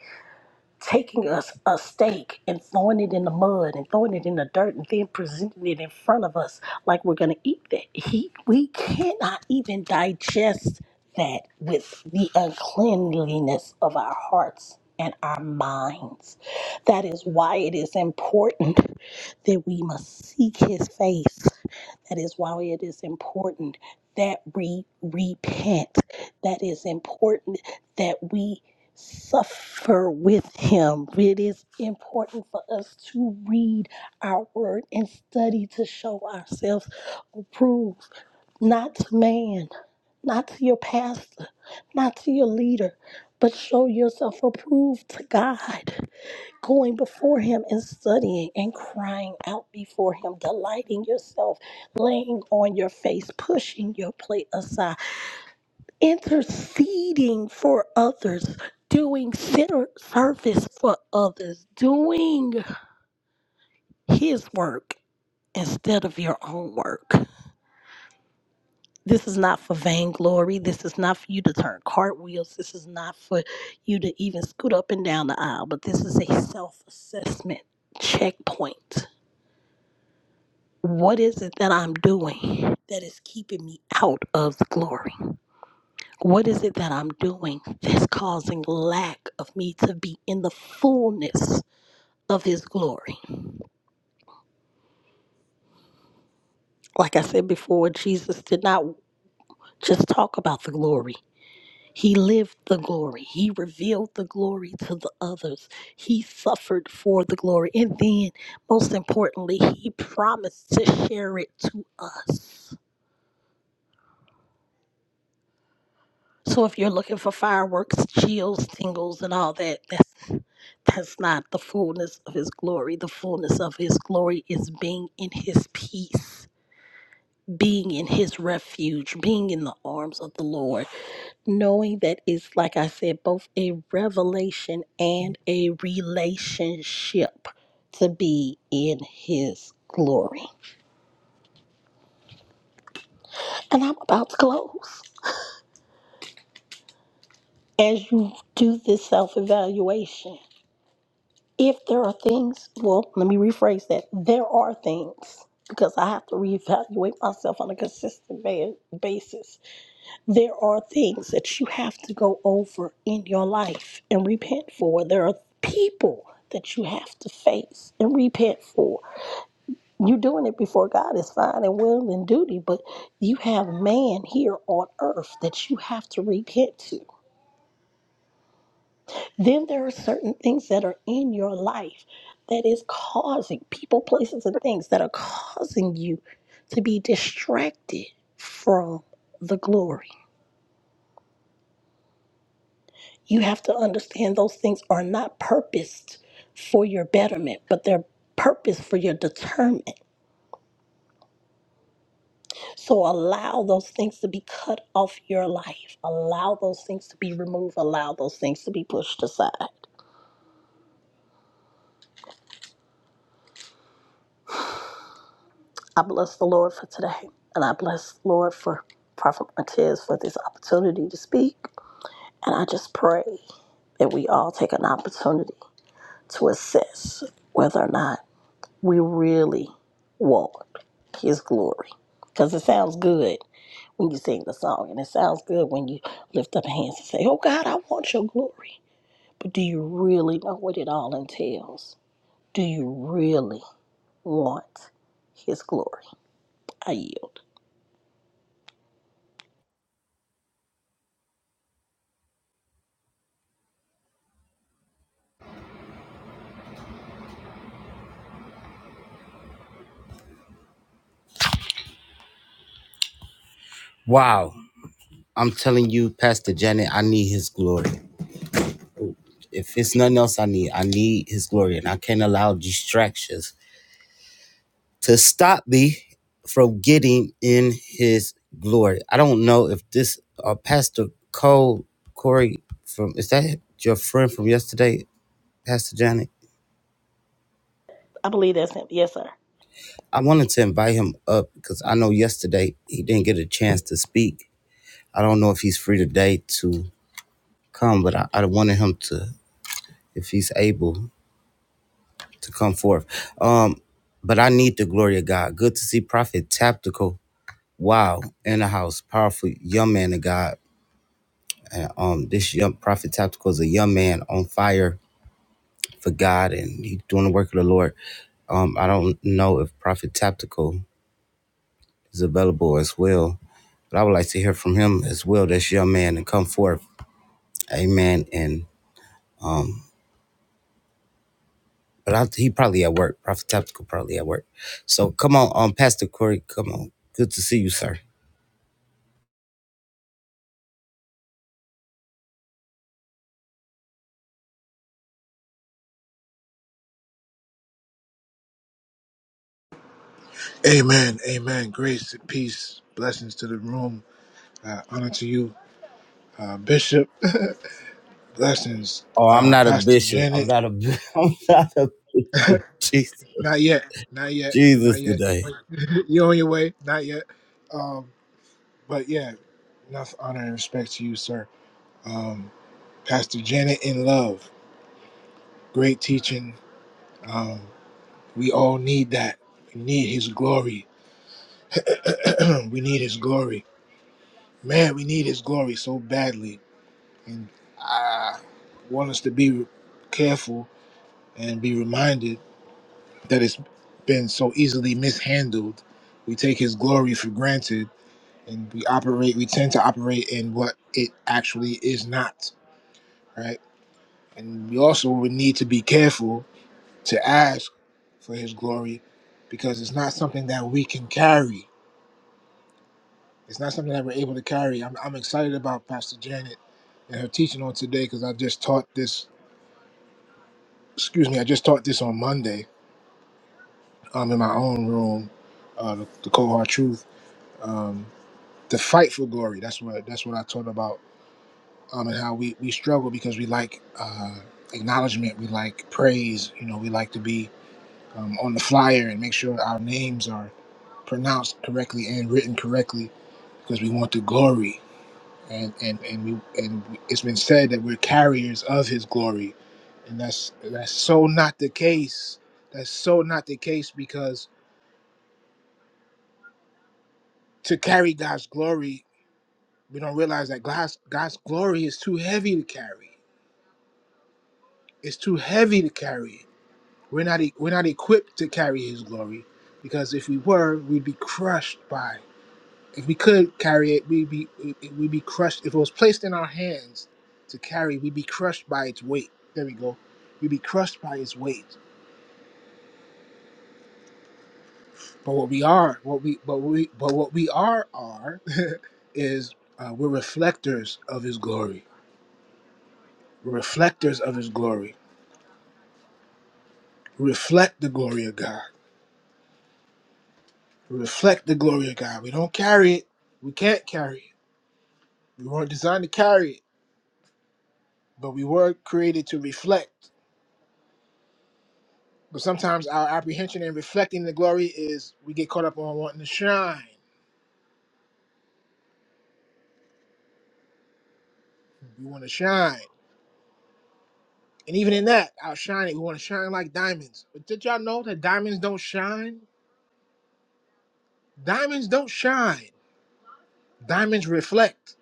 [SPEAKER 2] taking us a a stake and throwing it in the mud and throwing it in the dirt and then presenting it in front of us like we're going to eat that. He, we cannot even digest that with the uncleanliness of our hearts and our minds. That is why it is important that we must seek his face that is why it is important that we repent. That is important that we suffer with Him. It is important for us to read our word and study to show ourselves approved, not to man, not to your pastor, not to your leader, but show yourself approved to God going before him and studying and crying out before him, delighting yourself, laying on your face, pushing your plate aside, interceding for others, doing center service for others, doing his work instead of your own work. This is not for vainglory. This is not for you to turn cartwheels. This is not for you to even scoot up and down the aisle, but this is a self assessment checkpoint What is it that I'm doing that is keeping me out of the glory? What is it that I'm doing that's causing lack of me to be in the fullness of His glory? Like I said before, Jesus did not just talk about the glory. He lived the glory. He revealed the glory to the others. He suffered for the glory. And then, most importantly, he promised to share it to us. So if you're looking for fireworks, chills, tingles, and all that, that's that's not the fullness of his glory. The fullness of his glory is being in his peace, being in his refuge, being in the arms of the Lord, knowing that it's like I said, both a revelation and a relationship to be in his glory. And I'm about to close. As you do this self evaluation, If there are things, well, let me rephrase that. There are things because I have to reevaluate myself on a consistent ba- basis. There are things that you have to go over in your life and repent for. There are people that you have to face and repent for. You're doing it before God is fine and will and duty, but you have man here on earth that you have to repent to. Then there are certain things that are in your life that is causing people, places, and things that are causing you to be distracted from the glory. You have to understand those things are not purposed for your betterment, but they're purposed for your determinment. So allow those things to be cut off your life. Allow those things to be removed. Allow those things to be pushed aside. I bless the Lord for today. And I bless the Lord for Prophet Martez for this opportunity to speak. And I just pray that we all take an opportunity to assess whether or not we really want his glory. Because it sounds good when you sing the song, and it sounds good when you lift up hands and say, Oh God, I want your glory. But do you really know what it all entails? Do you really want his glory? I yield.
[SPEAKER 1] Wow. I'm telling you, Pastor Janet, I need his glory. If it's nothing else I need, I need his glory. And I can't allow distractions to stop me from getting in his glory. I don't know if this uh, Pastor Cole Corey from is that your friend from yesterday, Pastor Janet?
[SPEAKER 2] I believe that's him. Yes, sir.
[SPEAKER 1] I wanted to invite him up because I know yesterday he didn't get a chance to speak. I don't know if he's free today to come, but I, I wanted him to, if he's able, to come forth. Um, but I need the glory of God. Good to see Prophet Tactical. Wow, in the house, powerful young man of God Um, this young prophet Tactical is a young man on fire for God, and he's doing the work of the Lord. Um, I don't know if Prophet Tactical is available as well, but I would like to hear from him as well. This young man and come forth, Amen. And but I, he probably at work. Prophet Tactical probably at work. So come on, um, Pastor Corey, come on. Good to see you, sir.
[SPEAKER 3] Amen. Amen. Grace and peace. Blessings to the room. Uh, honor to you, uh, Bishop. Blessings,
[SPEAKER 1] Oh, I'm
[SPEAKER 3] uh,
[SPEAKER 1] not a
[SPEAKER 3] Pastor
[SPEAKER 1] bishop. I'm
[SPEAKER 3] Janet.
[SPEAKER 1] not a. bi- I'm not a bishop. Jesus,
[SPEAKER 3] Not yet. Not yet. Not
[SPEAKER 1] Jesus
[SPEAKER 3] yet.
[SPEAKER 1] today.
[SPEAKER 3] you on your way. Not yet. Um, but yeah, enough honor and respect to you, sir. Um, Pastor Janet in love. Great teaching. Um, we all need that. We need his glory. we need his glory. Man, we need his glory so badly And I want us to be careful and be reminded that it's been so easily mishandled. We take his glory for granted and we operate, we tend to operate in what it actually is not, right? And we also would need to be careful to ask for his glory because it's not something that we can carry. It's not something that we're able to carry. I'm, I'm excited about Pastor Janet and her teaching on today because I just taught this, excuse me, I just taught this on Monday um, in my own room, uh, the, the cold hard truth, um, the fight for glory. That's what that's what I taught about, um, and how we we struggle because we like uh, acknowledgement, we like praise. You know, we like to be um, on the flyer and make sure our names are pronounced correctly and written correctly because we want the glory. And and and we and it's been said that we're carriers of His glory, and that's that's so not the case. That's so not the case because to carry God's glory We don't realize that God's God's glory is too heavy to carry. It's too heavy to carry. We're not e- we're not equipped to carry His glory, because if we were, we'd be crushed by. it. If we could carry it, we'd be we'd be crushed. If it was placed in our hands to carry, we'd be crushed by its weight. There we go. We'd be crushed by its weight. But what we are, what we but we but what we are are is uh, we're reflectors of His glory. We're reflectors of His glory. Reflect the glory of God reflect the glory of God. We don't carry it. We can't carry it. We weren't designed to carry it, but we were created to reflect. But sometimes our apprehension in reflecting the glory is we get caught up on wanting to shine. We want to shine. And even in that, our shining, we want to shine like diamonds. But did y'all know that diamonds don't shine? Diamonds don't shine. Diamonds reflect.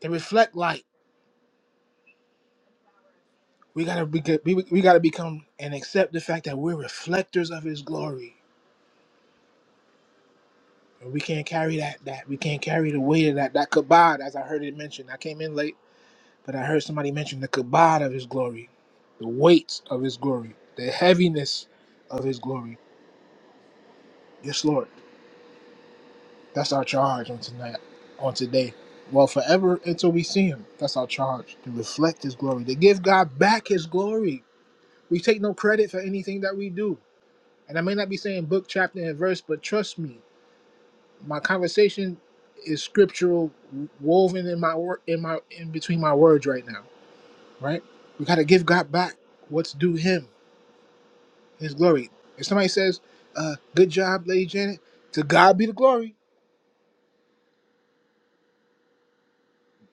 [SPEAKER 3] They reflect light. We gotta be, we, we gotta become and accept the fact that we're reflectors of His glory We can't carry that. That we can't carry the weight of that. That kabod, as I heard it mentioned. I came in late, but I heard somebody mention the kabod of His glory, the weight of His glory, the heaviness of His glory. Yes, Lord. That's our charge on tonight, on today. Well, forever until we see Him. That's our charge to reflect His glory, to give God back His glory. We take no credit for anything that we do, and I may not be saying book, chapter, and verse, but trust me. my conversation is scriptural woven in my work in my in between my words right now right we got to give god back what's due him his glory if somebody says uh good job lady janet to god be the glory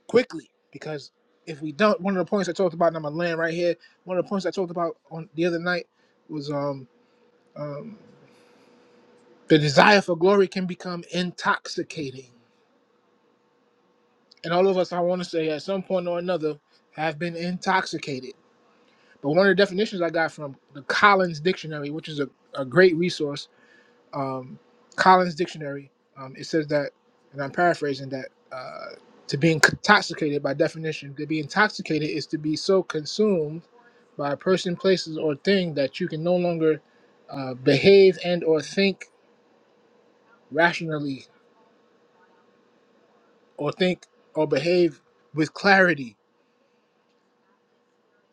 [SPEAKER 3] quickly because if we don't one of the points i talked about and i'm gonna land right here one of the points i talked about on the other night was um um the desire for glory can become intoxicating and all of us i want to say at some point or another have been intoxicated But one of the definitions I got from the Collins Dictionary, which is a, a great resource, um, Collins Dictionary, um, it says that, and I'm paraphrasing that, uh, to be intoxicated by definition, to be intoxicated is to be so consumed by a person, places, or thing that you can no longer uh, behave and or think rationally or think or behave with clarity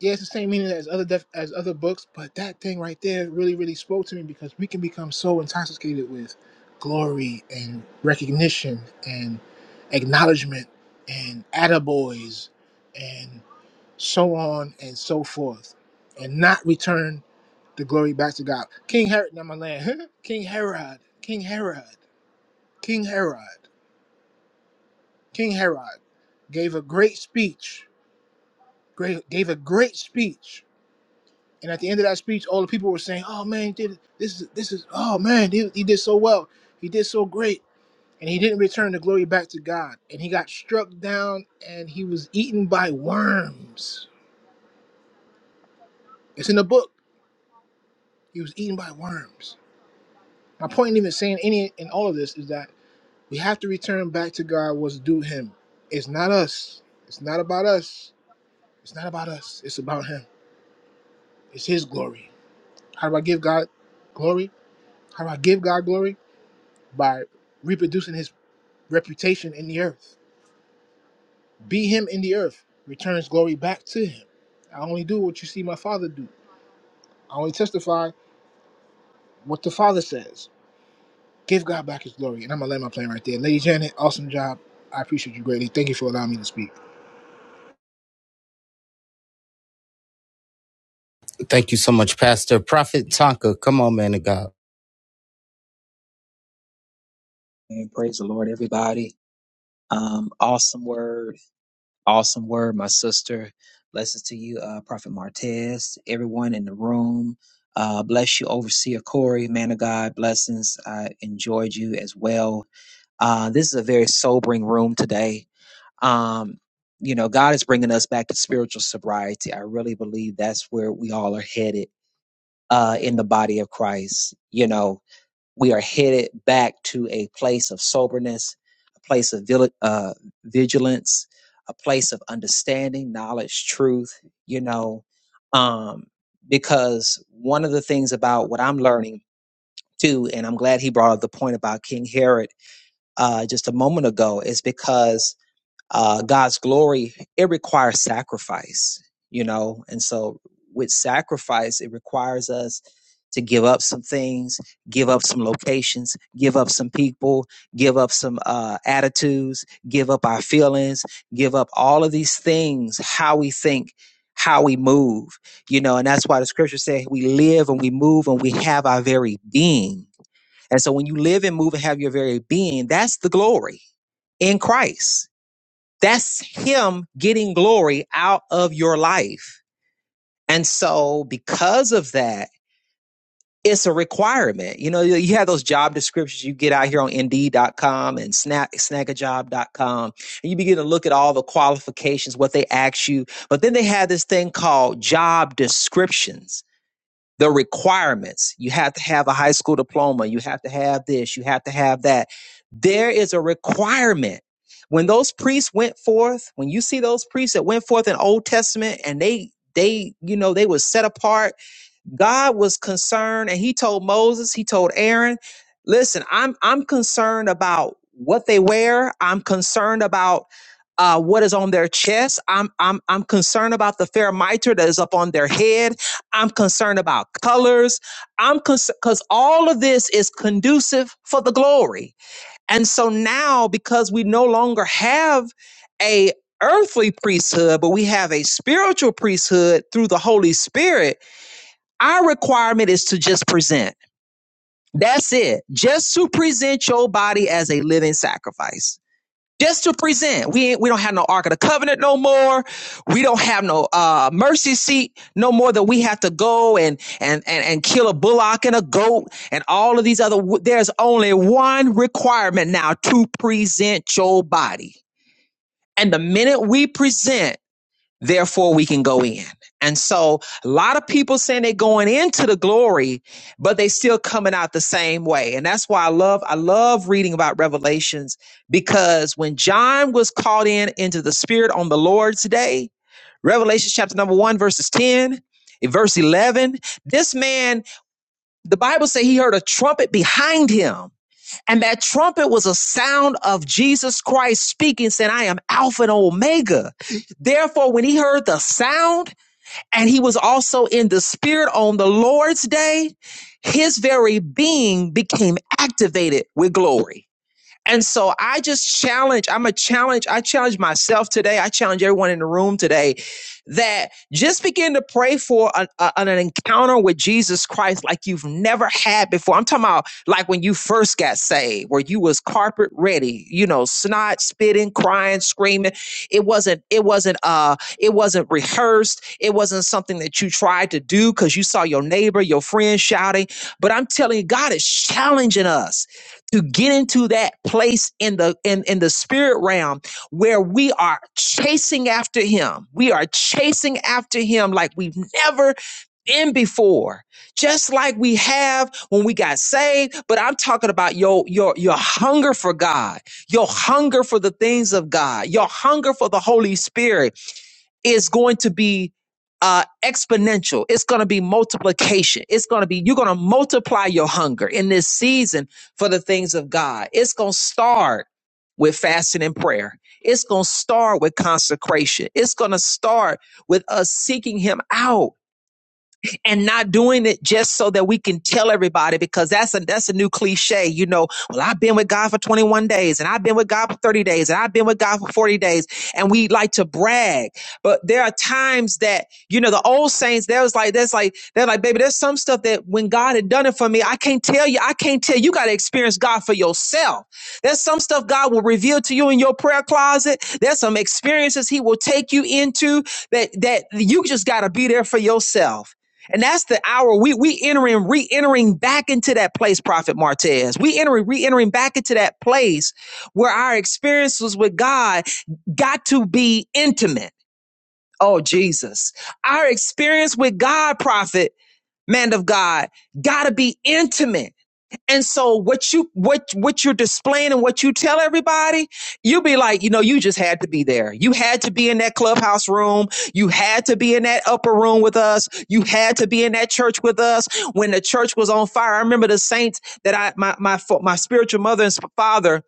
[SPEAKER 3] yeah, it's the same meaning as other def- as other books, but that thing right there really, really spoke to me because we can become so intoxicated with glory and recognition and acknowledgement and attaboys and so on and so forth, and not return the glory back to God. King Herod, not my land. King Herod, King Herod, King Herod, King Herod gave a great speech. Great, gave a great speech And at the end of that speech, all the people were saying, "Oh man, he did this is this is oh man, he, he did so well. He did so great." And he didn't return the glory back to God. And he got struck down and he was eaten by worms. It's in the book. He was eaten by worms. My point in even saying any in all of this is that we have to return back to God what's due him. It's not us. It's not about us. It's not about us. It's about him. It's his glory. How do I give God glory? How do I give God glory? By reproducing his reputation in the earth. Be him in the earth, returns glory back to him. I only do what you see my father do. I only testify what the father says. Give God back his glory. And I'm gonna land my plane right there. Lady Janet, awesome job. I appreciate you greatly. Thank you for allowing me to speak.
[SPEAKER 1] Thank you so much, Pastor Prophet Tonka. Come on, man of God.
[SPEAKER 4] And praise the Lord, everybody. Um, awesome word, awesome word, my sister. Blessings to you, uh, Prophet Martez, everyone in the room. Uh, bless you, Overseer Corey, man of God. Blessings. I enjoyed you as well. Uh, this is a very sobering room today. Um, you know, God is bringing us back to spiritual sobriety. I really believe that's where we all are headed uh, in the body of Christ. You know, we are headed back to a place of soberness, a place of vil- uh, vigilance, a place of understanding, knowledge, truth, you know, um, because one of the things about what I'm learning too, and I'm glad he brought up the point about King Herod uh, just a moment ago, is because uh, God's glory, it requires sacrifice, you know. And so, with sacrifice, it requires us to give up some things, give up some locations, give up some people, give up some uh, attitudes, give up our feelings, give up all of these things, how we think, how we move, you know. And that's why the scripture says we live and we move and we have our very being. And so, when you live and move and have your very being, that's the glory in Christ that's him getting glory out of your life. And so because of that, it's a requirement. You know, you have those job descriptions you get out here on indeed.com and snag, snagajob.com. And you begin to look at all the qualifications, what they ask you. But then they have this thing called job descriptions the requirements. You have to have a high school diploma. You have to have this. You have to have that. There is a requirement. When those priests went forth, when you see those priests that went forth in Old Testament and they, they, you know, they were set apart God was concerned and he told Moses, he told Aaron, listen, I'm I'm concerned about what they wear. I'm concerned about uh, what is on their chest. I'm I'm I'm concerned about the fair mitre that is up on their head. I'm concerned about colors. I'm concerned because all of this is conducive for the glory. And so now, because we no longer have a earthly priesthood, but we have a spiritual priesthood through the Holy Spirit our requirement is to just present. That's it. Just to present your body as a living sacrifice. Just to present. We ain't, we don't have no Ark of the Covenant no more. We don't have no uh, mercy seat no more that we have to go and, and and and kill a bullock and a goat and all of these other. There's only one requirement now to present your body. And the minute we present therefore we can go in. And so a lot of people saying they're going into the glory, but they still coming out the same way. And that's why I love I love reading about Revelations because when John was called in into the spirit on the Lord's day, Revelation chapter number 1 verses 10 verse 11, this man the Bible says he heard a trumpet behind him and that trumpet was a sound of Jesus Christ speaking, saying, I am Alpha and Omega. Therefore, when he heard the sound and he was also in the spirit on the Lord's day, his very being became activated with glory. And so I just challenge, I'm a challenge, I challenge myself today. I challenge everyone in the room today that just begin to pray for an, a- an encounter with Jesus Christ like you've never had before. I'm talking about like when you first got saved, where you was carpet ready, you know, snot, spitting, crying, screaming. It wasn't, it wasn't, uh, it wasn't rehearsed. It wasn't something that you tried to do because you saw your neighbor, your friend shouting. But I'm telling you, God is challenging us to get into that place in the in, in the spirit realm where we are chasing after him we are chasing after him like we've never been before just like we have when we got saved but i'm talking about your your your hunger for god your hunger for the things of god your hunger for the holy spirit is going to be uh, exponential. It's going to be multiplication. It's going to be, you're going to multiply your hunger in this season for the things of God. It's going to start with fasting and prayer. It's going to start with consecration. It's going to start with us seeking Him out and not doing it just so that we can tell everybody because that's a that's a new cliche, you know. Well, I've been with God for 21 days and I've been with God for 30 days and I've been with God for 40 days and we like to brag. But there are times that, you know, the old saints, there was like that's like they're like, baby, there's some stuff that when God had done it for me, I can't tell you, I can't tell you, you gotta experience God for yourself. There's some stuff God will reveal to you in your prayer closet. There's some experiences He will take you into that that you just got to be there for yourself. And that's the hour we we entering, re-entering back into that place, Prophet Martez. We entering, re-entering back into that place where our experiences with God got to be intimate. Oh Jesus. Our experience with God, Prophet, man of God, gotta be intimate. And so what you what what you're displaying and what you tell everybody, you'll be like, you know, you just had to be there. You had to be in that clubhouse room. You had to be in that upper room with us. You had to be in that church with us when the church was on fire. I remember the saints that I my my my spiritual mother and father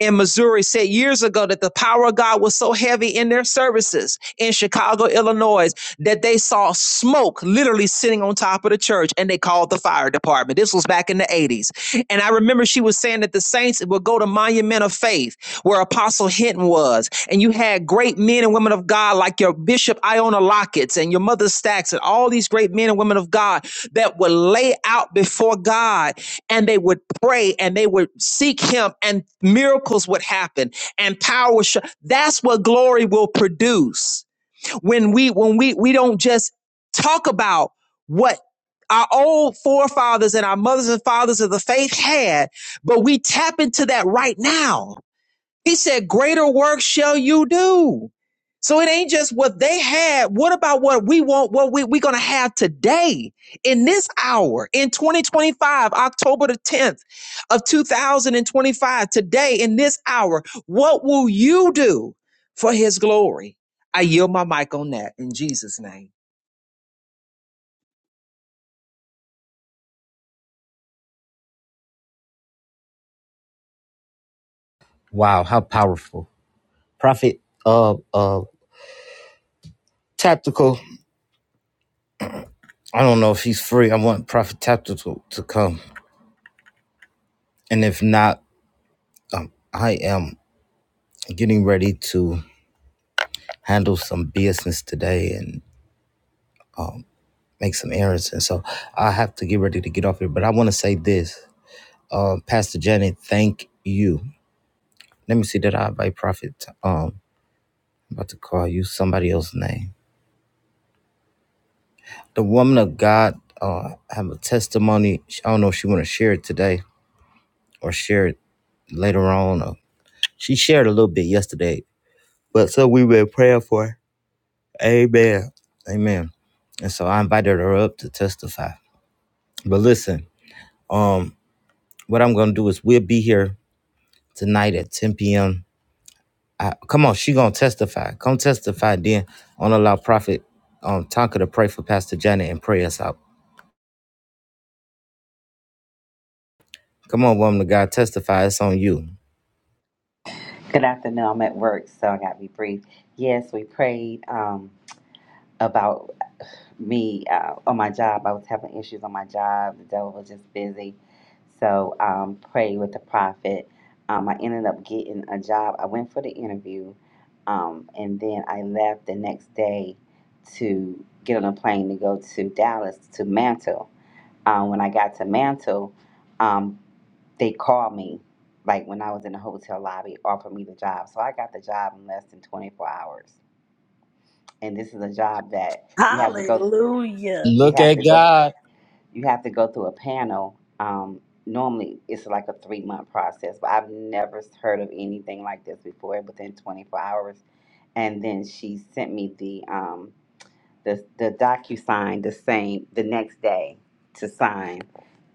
[SPEAKER 4] in Missouri said years ago that the power of God was so heavy in their services in Chicago, Illinois, that they saw smoke literally sitting on top of the church and they called the fire department. This was back in the 80s. And I remember she was saying that the saints would go to Monument of Faith, where Apostle Hinton was. And you had great men and women of God like your Bishop Iona Lockets and your Mother Stacks and all these great men and women of God that would lay out before God and they would pray and they would seek him and miracles would happen and power would show. that's what glory will produce when we when we we don't just talk about what our old forefathers and our mothers and fathers of the faith had but we tap into that right now he said, Greater work shall you do. So it ain't just what they had. What about what we want, what we, we're going to have today in this hour in 2025, October the 10th of 2025, today in this hour? What will you do for his glory? I yield my mic on that in Jesus' name.
[SPEAKER 1] Wow, how powerful. Prophet uh uh Tactical. I don't know if he's free. I want Prophet Tactical to come. And if not, I am getting ready to handle some business today and make some errands. And so I have to get ready to get off here. But I want to say this. Uh, Pastor Janet, thank you. Let me see that I invite Prophet. Um I'm about to call you somebody else's name. The woman of God uh have a testimony. I don't know if she wanna share it today or share it later on. Or she shared a little bit yesterday, but so we have been praying for. her. Amen. Amen. And so I invited her up to testify. But listen, what I'm going to do is we'll be here tonight at 10 p.m. I, come on, she going to testify. Come testify then I'm gonna allow prophet um, Tonka to pray for Pastor Janet and pray us out. Come on, woman of God, testify. It's on you.
[SPEAKER 5] Good afternoon. I'm at work, so I got to be brief. Yes, we prayed um, about me uh, on my job. I was having issues on my job. The devil was just busy. So um, prayed with the prophet. Um, I ended up getting a job. I went for the interview, um, and then I left the next day to get on a plane to go to Dallas to Mantle. Um, when I got to Mantle, um, they called me like when I was in the hotel lobby, offered me the job. So I got the job in less than 24 hours. And this is a job that you have to go
[SPEAKER 2] Hallelujah.
[SPEAKER 5] you
[SPEAKER 1] Look
[SPEAKER 5] have
[SPEAKER 1] at
[SPEAKER 5] to go
[SPEAKER 1] God.
[SPEAKER 5] you have to go through a panel. Um, normally it's like a three month process, but I've never heard of anything like this before within 24 hours. And then she sent me the um, the the DocuSign the same the next day to sign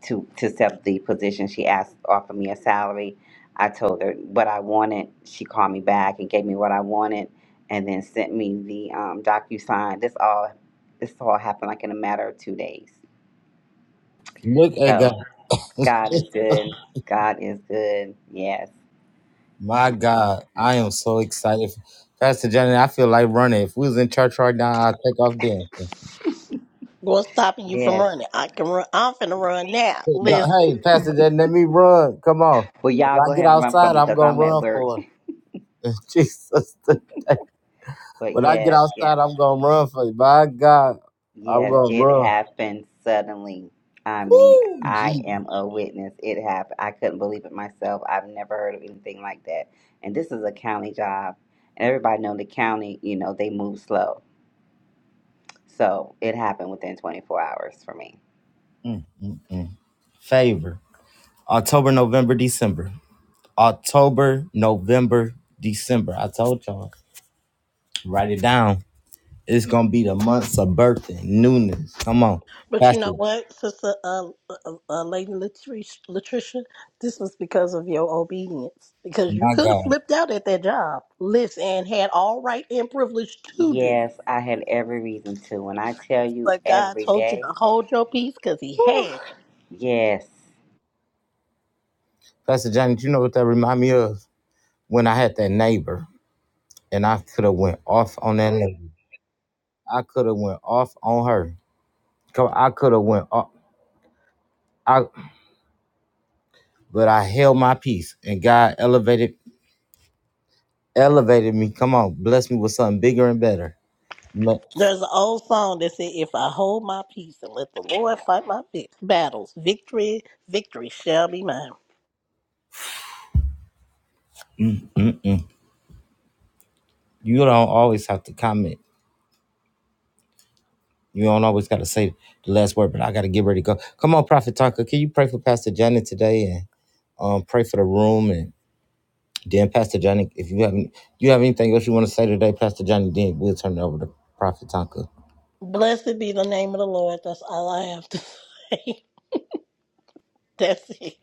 [SPEAKER 5] to to accept the position. She asked offered me a salary. I told her what I wanted. She called me back and gave me what I wanted, and then sent me the um, DocuSign. This all this all happened like in a matter of two days.
[SPEAKER 1] Look at
[SPEAKER 5] So
[SPEAKER 1] God.
[SPEAKER 5] God is good. God is good. Yes.
[SPEAKER 1] My God,
[SPEAKER 5] Yes.
[SPEAKER 1] I am so excited. Pastor Johnny, I feel like running. If we was in church right now, I'd take off dancing.
[SPEAKER 2] What's stopping you from
[SPEAKER 5] Yes.
[SPEAKER 2] running? I can run. I'm finna run now.
[SPEAKER 1] Hey, don't-
[SPEAKER 2] Listen,
[SPEAKER 1] hey, Pastor Johnny, let me run. Come on.
[SPEAKER 5] Well, y'all
[SPEAKER 1] When
[SPEAKER 5] go
[SPEAKER 1] I get
[SPEAKER 5] ahead and run for
[SPEAKER 1] outside,
[SPEAKER 5] me
[SPEAKER 1] I'm
[SPEAKER 5] because
[SPEAKER 1] going to
[SPEAKER 5] I'm at
[SPEAKER 1] run
[SPEAKER 5] work.
[SPEAKER 1] for it. Jesus.
[SPEAKER 5] But
[SPEAKER 1] When I get
[SPEAKER 5] yes,
[SPEAKER 1] outside,
[SPEAKER 5] yes.
[SPEAKER 1] I'm going to run for it. My God, I'm
[SPEAKER 5] Yes,
[SPEAKER 1] going to
[SPEAKER 5] it
[SPEAKER 1] run.
[SPEAKER 5] happened suddenly. I mean,
[SPEAKER 1] Woo,
[SPEAKER 5] I
[SPEAKER 1] Jesus.
[SPEAKER 5] am a witness. It happened. I couldn't believe it myself. I've never heard of anything like that. And this is a county job. And everybody know the county, you know, they move slow. So it happened within 24 hours for me.
[SPEAKER 1] Mm, mm, mm. Favor. October, November, December. October, November, December. I told y'all. Write it down. It's gonna be the months of birthing, newness. Come on,
[SPEAKER 2] but you
[SPEAKER 1] Pastor.
[SPEAKER 2] know what, sister, uh, uh, uh lady Latricia, Latricia, this was because of your obedience. Because you
[SPEAKER 1] My
[SPEAKER 2] could have
[SPEAKER 1] God,
[SPEAKER 2] flipped out at that job. Listen, and had all right and privilege to do.
[SPEAKER 5] Yes, I had every reason to. When I tell you
[SPEAKER 2] But God
[SPEAKER 5] every
[SPEAKER 2] told you
[SPEAKER 5] day,
[SPEAKER 2] to hold your peace because He
[SPEAKER 5] whew,
[SPEAKER 2] had you.
[SPEAKER 5] yes.
[SPEAKER 1] Pastor Johnny, you know what that remind me of? When I had that neighbor, and I could have went off on that lady. I could have went off on her. Come, I could have went off. I, but I held my peace, and God elevated, elevated me. Come on, bless me with something bigger and better. No,
[SPEAKER 2] There's an old song that said, "If I hold my peace and let the Lord fight my vi- battles, victory, victory shall be mine."
[SPEAKER 1] You don't always have to comment. You don't always got to say the last word, but I got to get ready to go. Come on, Prophet Tucker, can you pray for Pastor Janet today? and? Um, pray for the room and then Pastor Johnny. If you have any, you have anything else you want to say today, Pastor Johnny, then we'll turn it over to Prophet Tonka.
[SPEAKER 2] Blessed be the name of the Lord. That's all I have to say. That's it.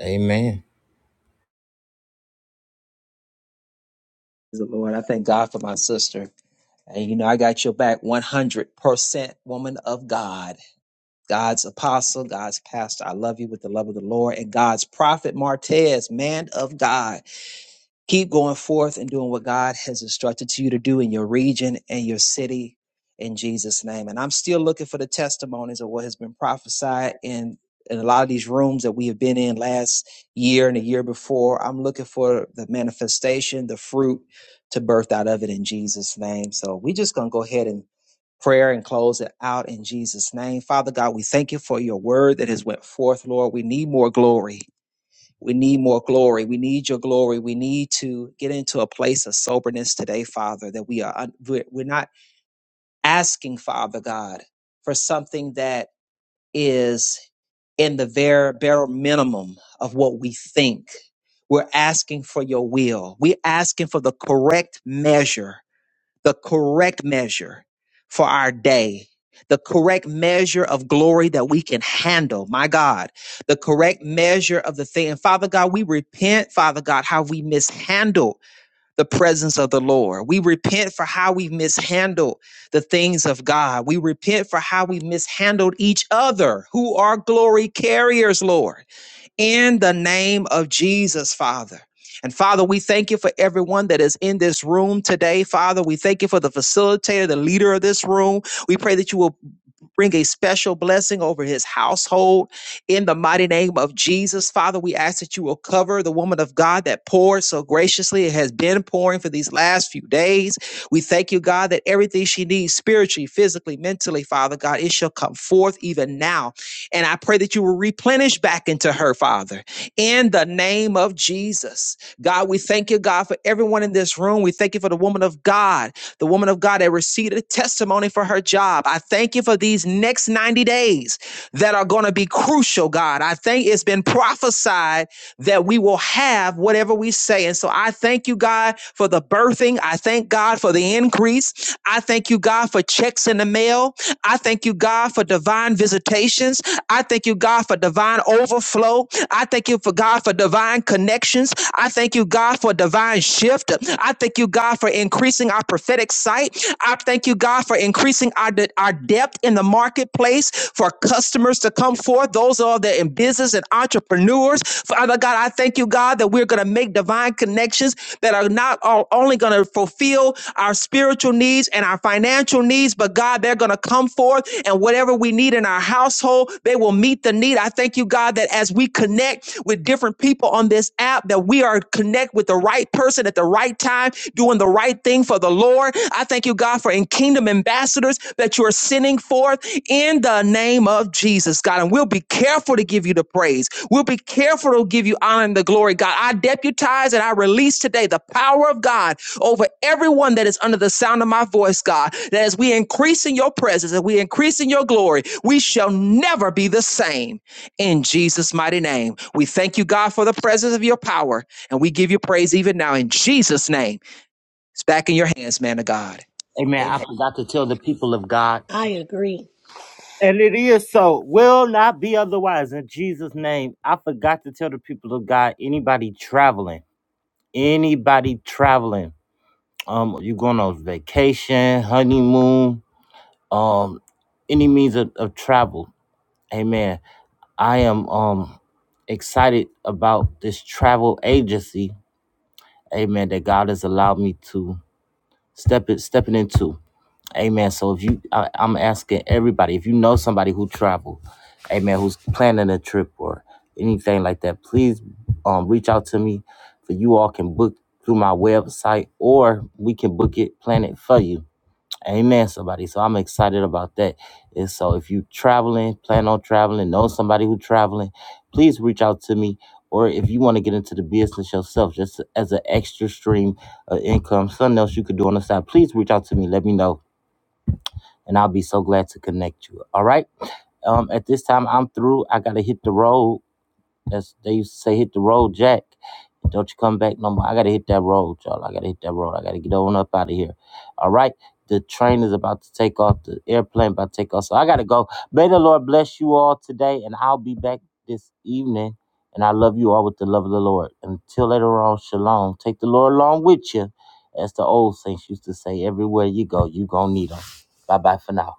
[SPEAKER 1] Amen.
[SPEAKER 4] Lord, I thank God for my sister. And you know, I got your back 100%, woman of God. God's apostle, God's pastor. I love you with the love of the Lord and God's prophet Martez, man of God. Keep going forth and doing what God has instructed to you to do in your region and your city in Jesus' name. And I'm still looking for the testimonies of what has been prophesied in, in a lot of these rooms that we have been in last year and the year before. I'm looking for the manifestation, the fruit to birth out of it in Jesus' name. So we are just gonna go ahead and prayer and close it out in Jesus name. Father God, we thank you for your word that has went forth, Lord. We need more glory. We need more glory. We need your glory. We need to get into a place of soberness today, Father, that we are un- we're we're not asking, Father God, for something that is in the very bare minimum of what we think. We're asking for your will. We're asking for the correct measure the correct measure for our day, the correct measure of glory that we can handle, my God, the correct measure of the thing. And Father God, we repent, Father God, how we mishandle the presence of the Lord. We repent for how we mishandle the things of God. We repent for how we mishandled each other who are glory carriers, Lord in the name of Jesus, Father. And Father, we thank you for everyone that is in this room today. Father, we thank you for the facilitator, the leader of this room. We pray that you will bring a special blessing over his household in the mighty name of Jesus. Father, we ask that you will cover the woman of God that poured so graciously. It has been pouring for these last few days. We thank you, God, that everything she needs spiritually, physically, mentally, Father God, it shall come forth even now. And I pray that you will replenish back into her, Father, in the name of Jesus. God, we thank you, God, for everyone in this room. We thank you for the woman of God the woman of God that received a testimony for her job. I thank you for these next 90 days that are going to be crucial, God. I think it's been prophesied that we will have whatever we say. And so I thank you, God, for the birthing. I thank God for the increase. I thank you, God, for checks in the mail. I thank you, God, for divine visitations. I thank you, God, for divine overflow. I thank you for God for divine connections. I thank you, God, for divine shift. I thank you, God, for increasing our prophetic sight. I thank you, God, for increasing our, our depth in the marketplace for customers to come forth, those are that in business and entrepreneurs. Father God, I thank you, God, that we're going to make divine connections that are not only going to fulfill our spiritual needs and our financial needs, but God, they're going to come forth and whatever we need in our household, they will meet the need. I thank you, God, that as we connect with different people on this app, that we are connect with the right person at the right time, doing the right thing for the Lord. I thank you, God, for in kingdom ambassadors that you are sending forth in the name of Jesus, God. And we'll be careful to give you the praise. We'll be careful to give you honor and the glory, God. I deputize and I release today the power of God over everyone that is under the sound of my voice, God. That as we increase in your presence and we increase in your glory, we shall never be the same. In Jesus' mighty name, we thank you, God, for the presence of your power. And we give you praise even now in Jesus' name. It's back in your hands, man of God.
[SPEAKER 1] Amen.
[SPEAKER 4] Amen.
[SPEAKER 1] I forgot to tell the people of God.
[SPEAKER 2] I agree.
[SPEAKER 1] And it is so. Will not be otherwise. In Jesus' name, I forgot to tell the people of God. Anybody traveling, anybody traveling, um, you going on vacation, honeymoon, um, any means of, of travel. Amen. I am um excited about this travel agency, amen, that God has allowed me to step it stepping into. Amen. So if you I, I'm asking everybody, if you know somebody who travel, amen, who's planning a trip or anything like that, please um reach out to me for you all can book through my website or we can book it, plan it for you. Amen, somebody. So I'm excited about that. And so if you traveling, plan on traveling, know somebody who traveling, please reach out to me. Or if you want to get into the business yourself, just as an extra stream of income, something else you could do on the side, please reach out to me. Let me know. And I'll be so glad to connect you. All right. Um, at this time, I'm through. I gotta hit the road. That's they used to say hit the road, Jack. Don't you come back no more. I gotta hit that road, y'all. I gotta hit that road. I gotta get on up out of here. All right. The train is about to take off. The airplane about to take off. So I gotta go. May the Lord bless you all today, and I'll be back this evening. And I love you all with the love of the Lord. Until later on, shalom. Take the Lord along with you, as the old saints used to say. Everywhere you go, you gonna need him. Bye bye for now.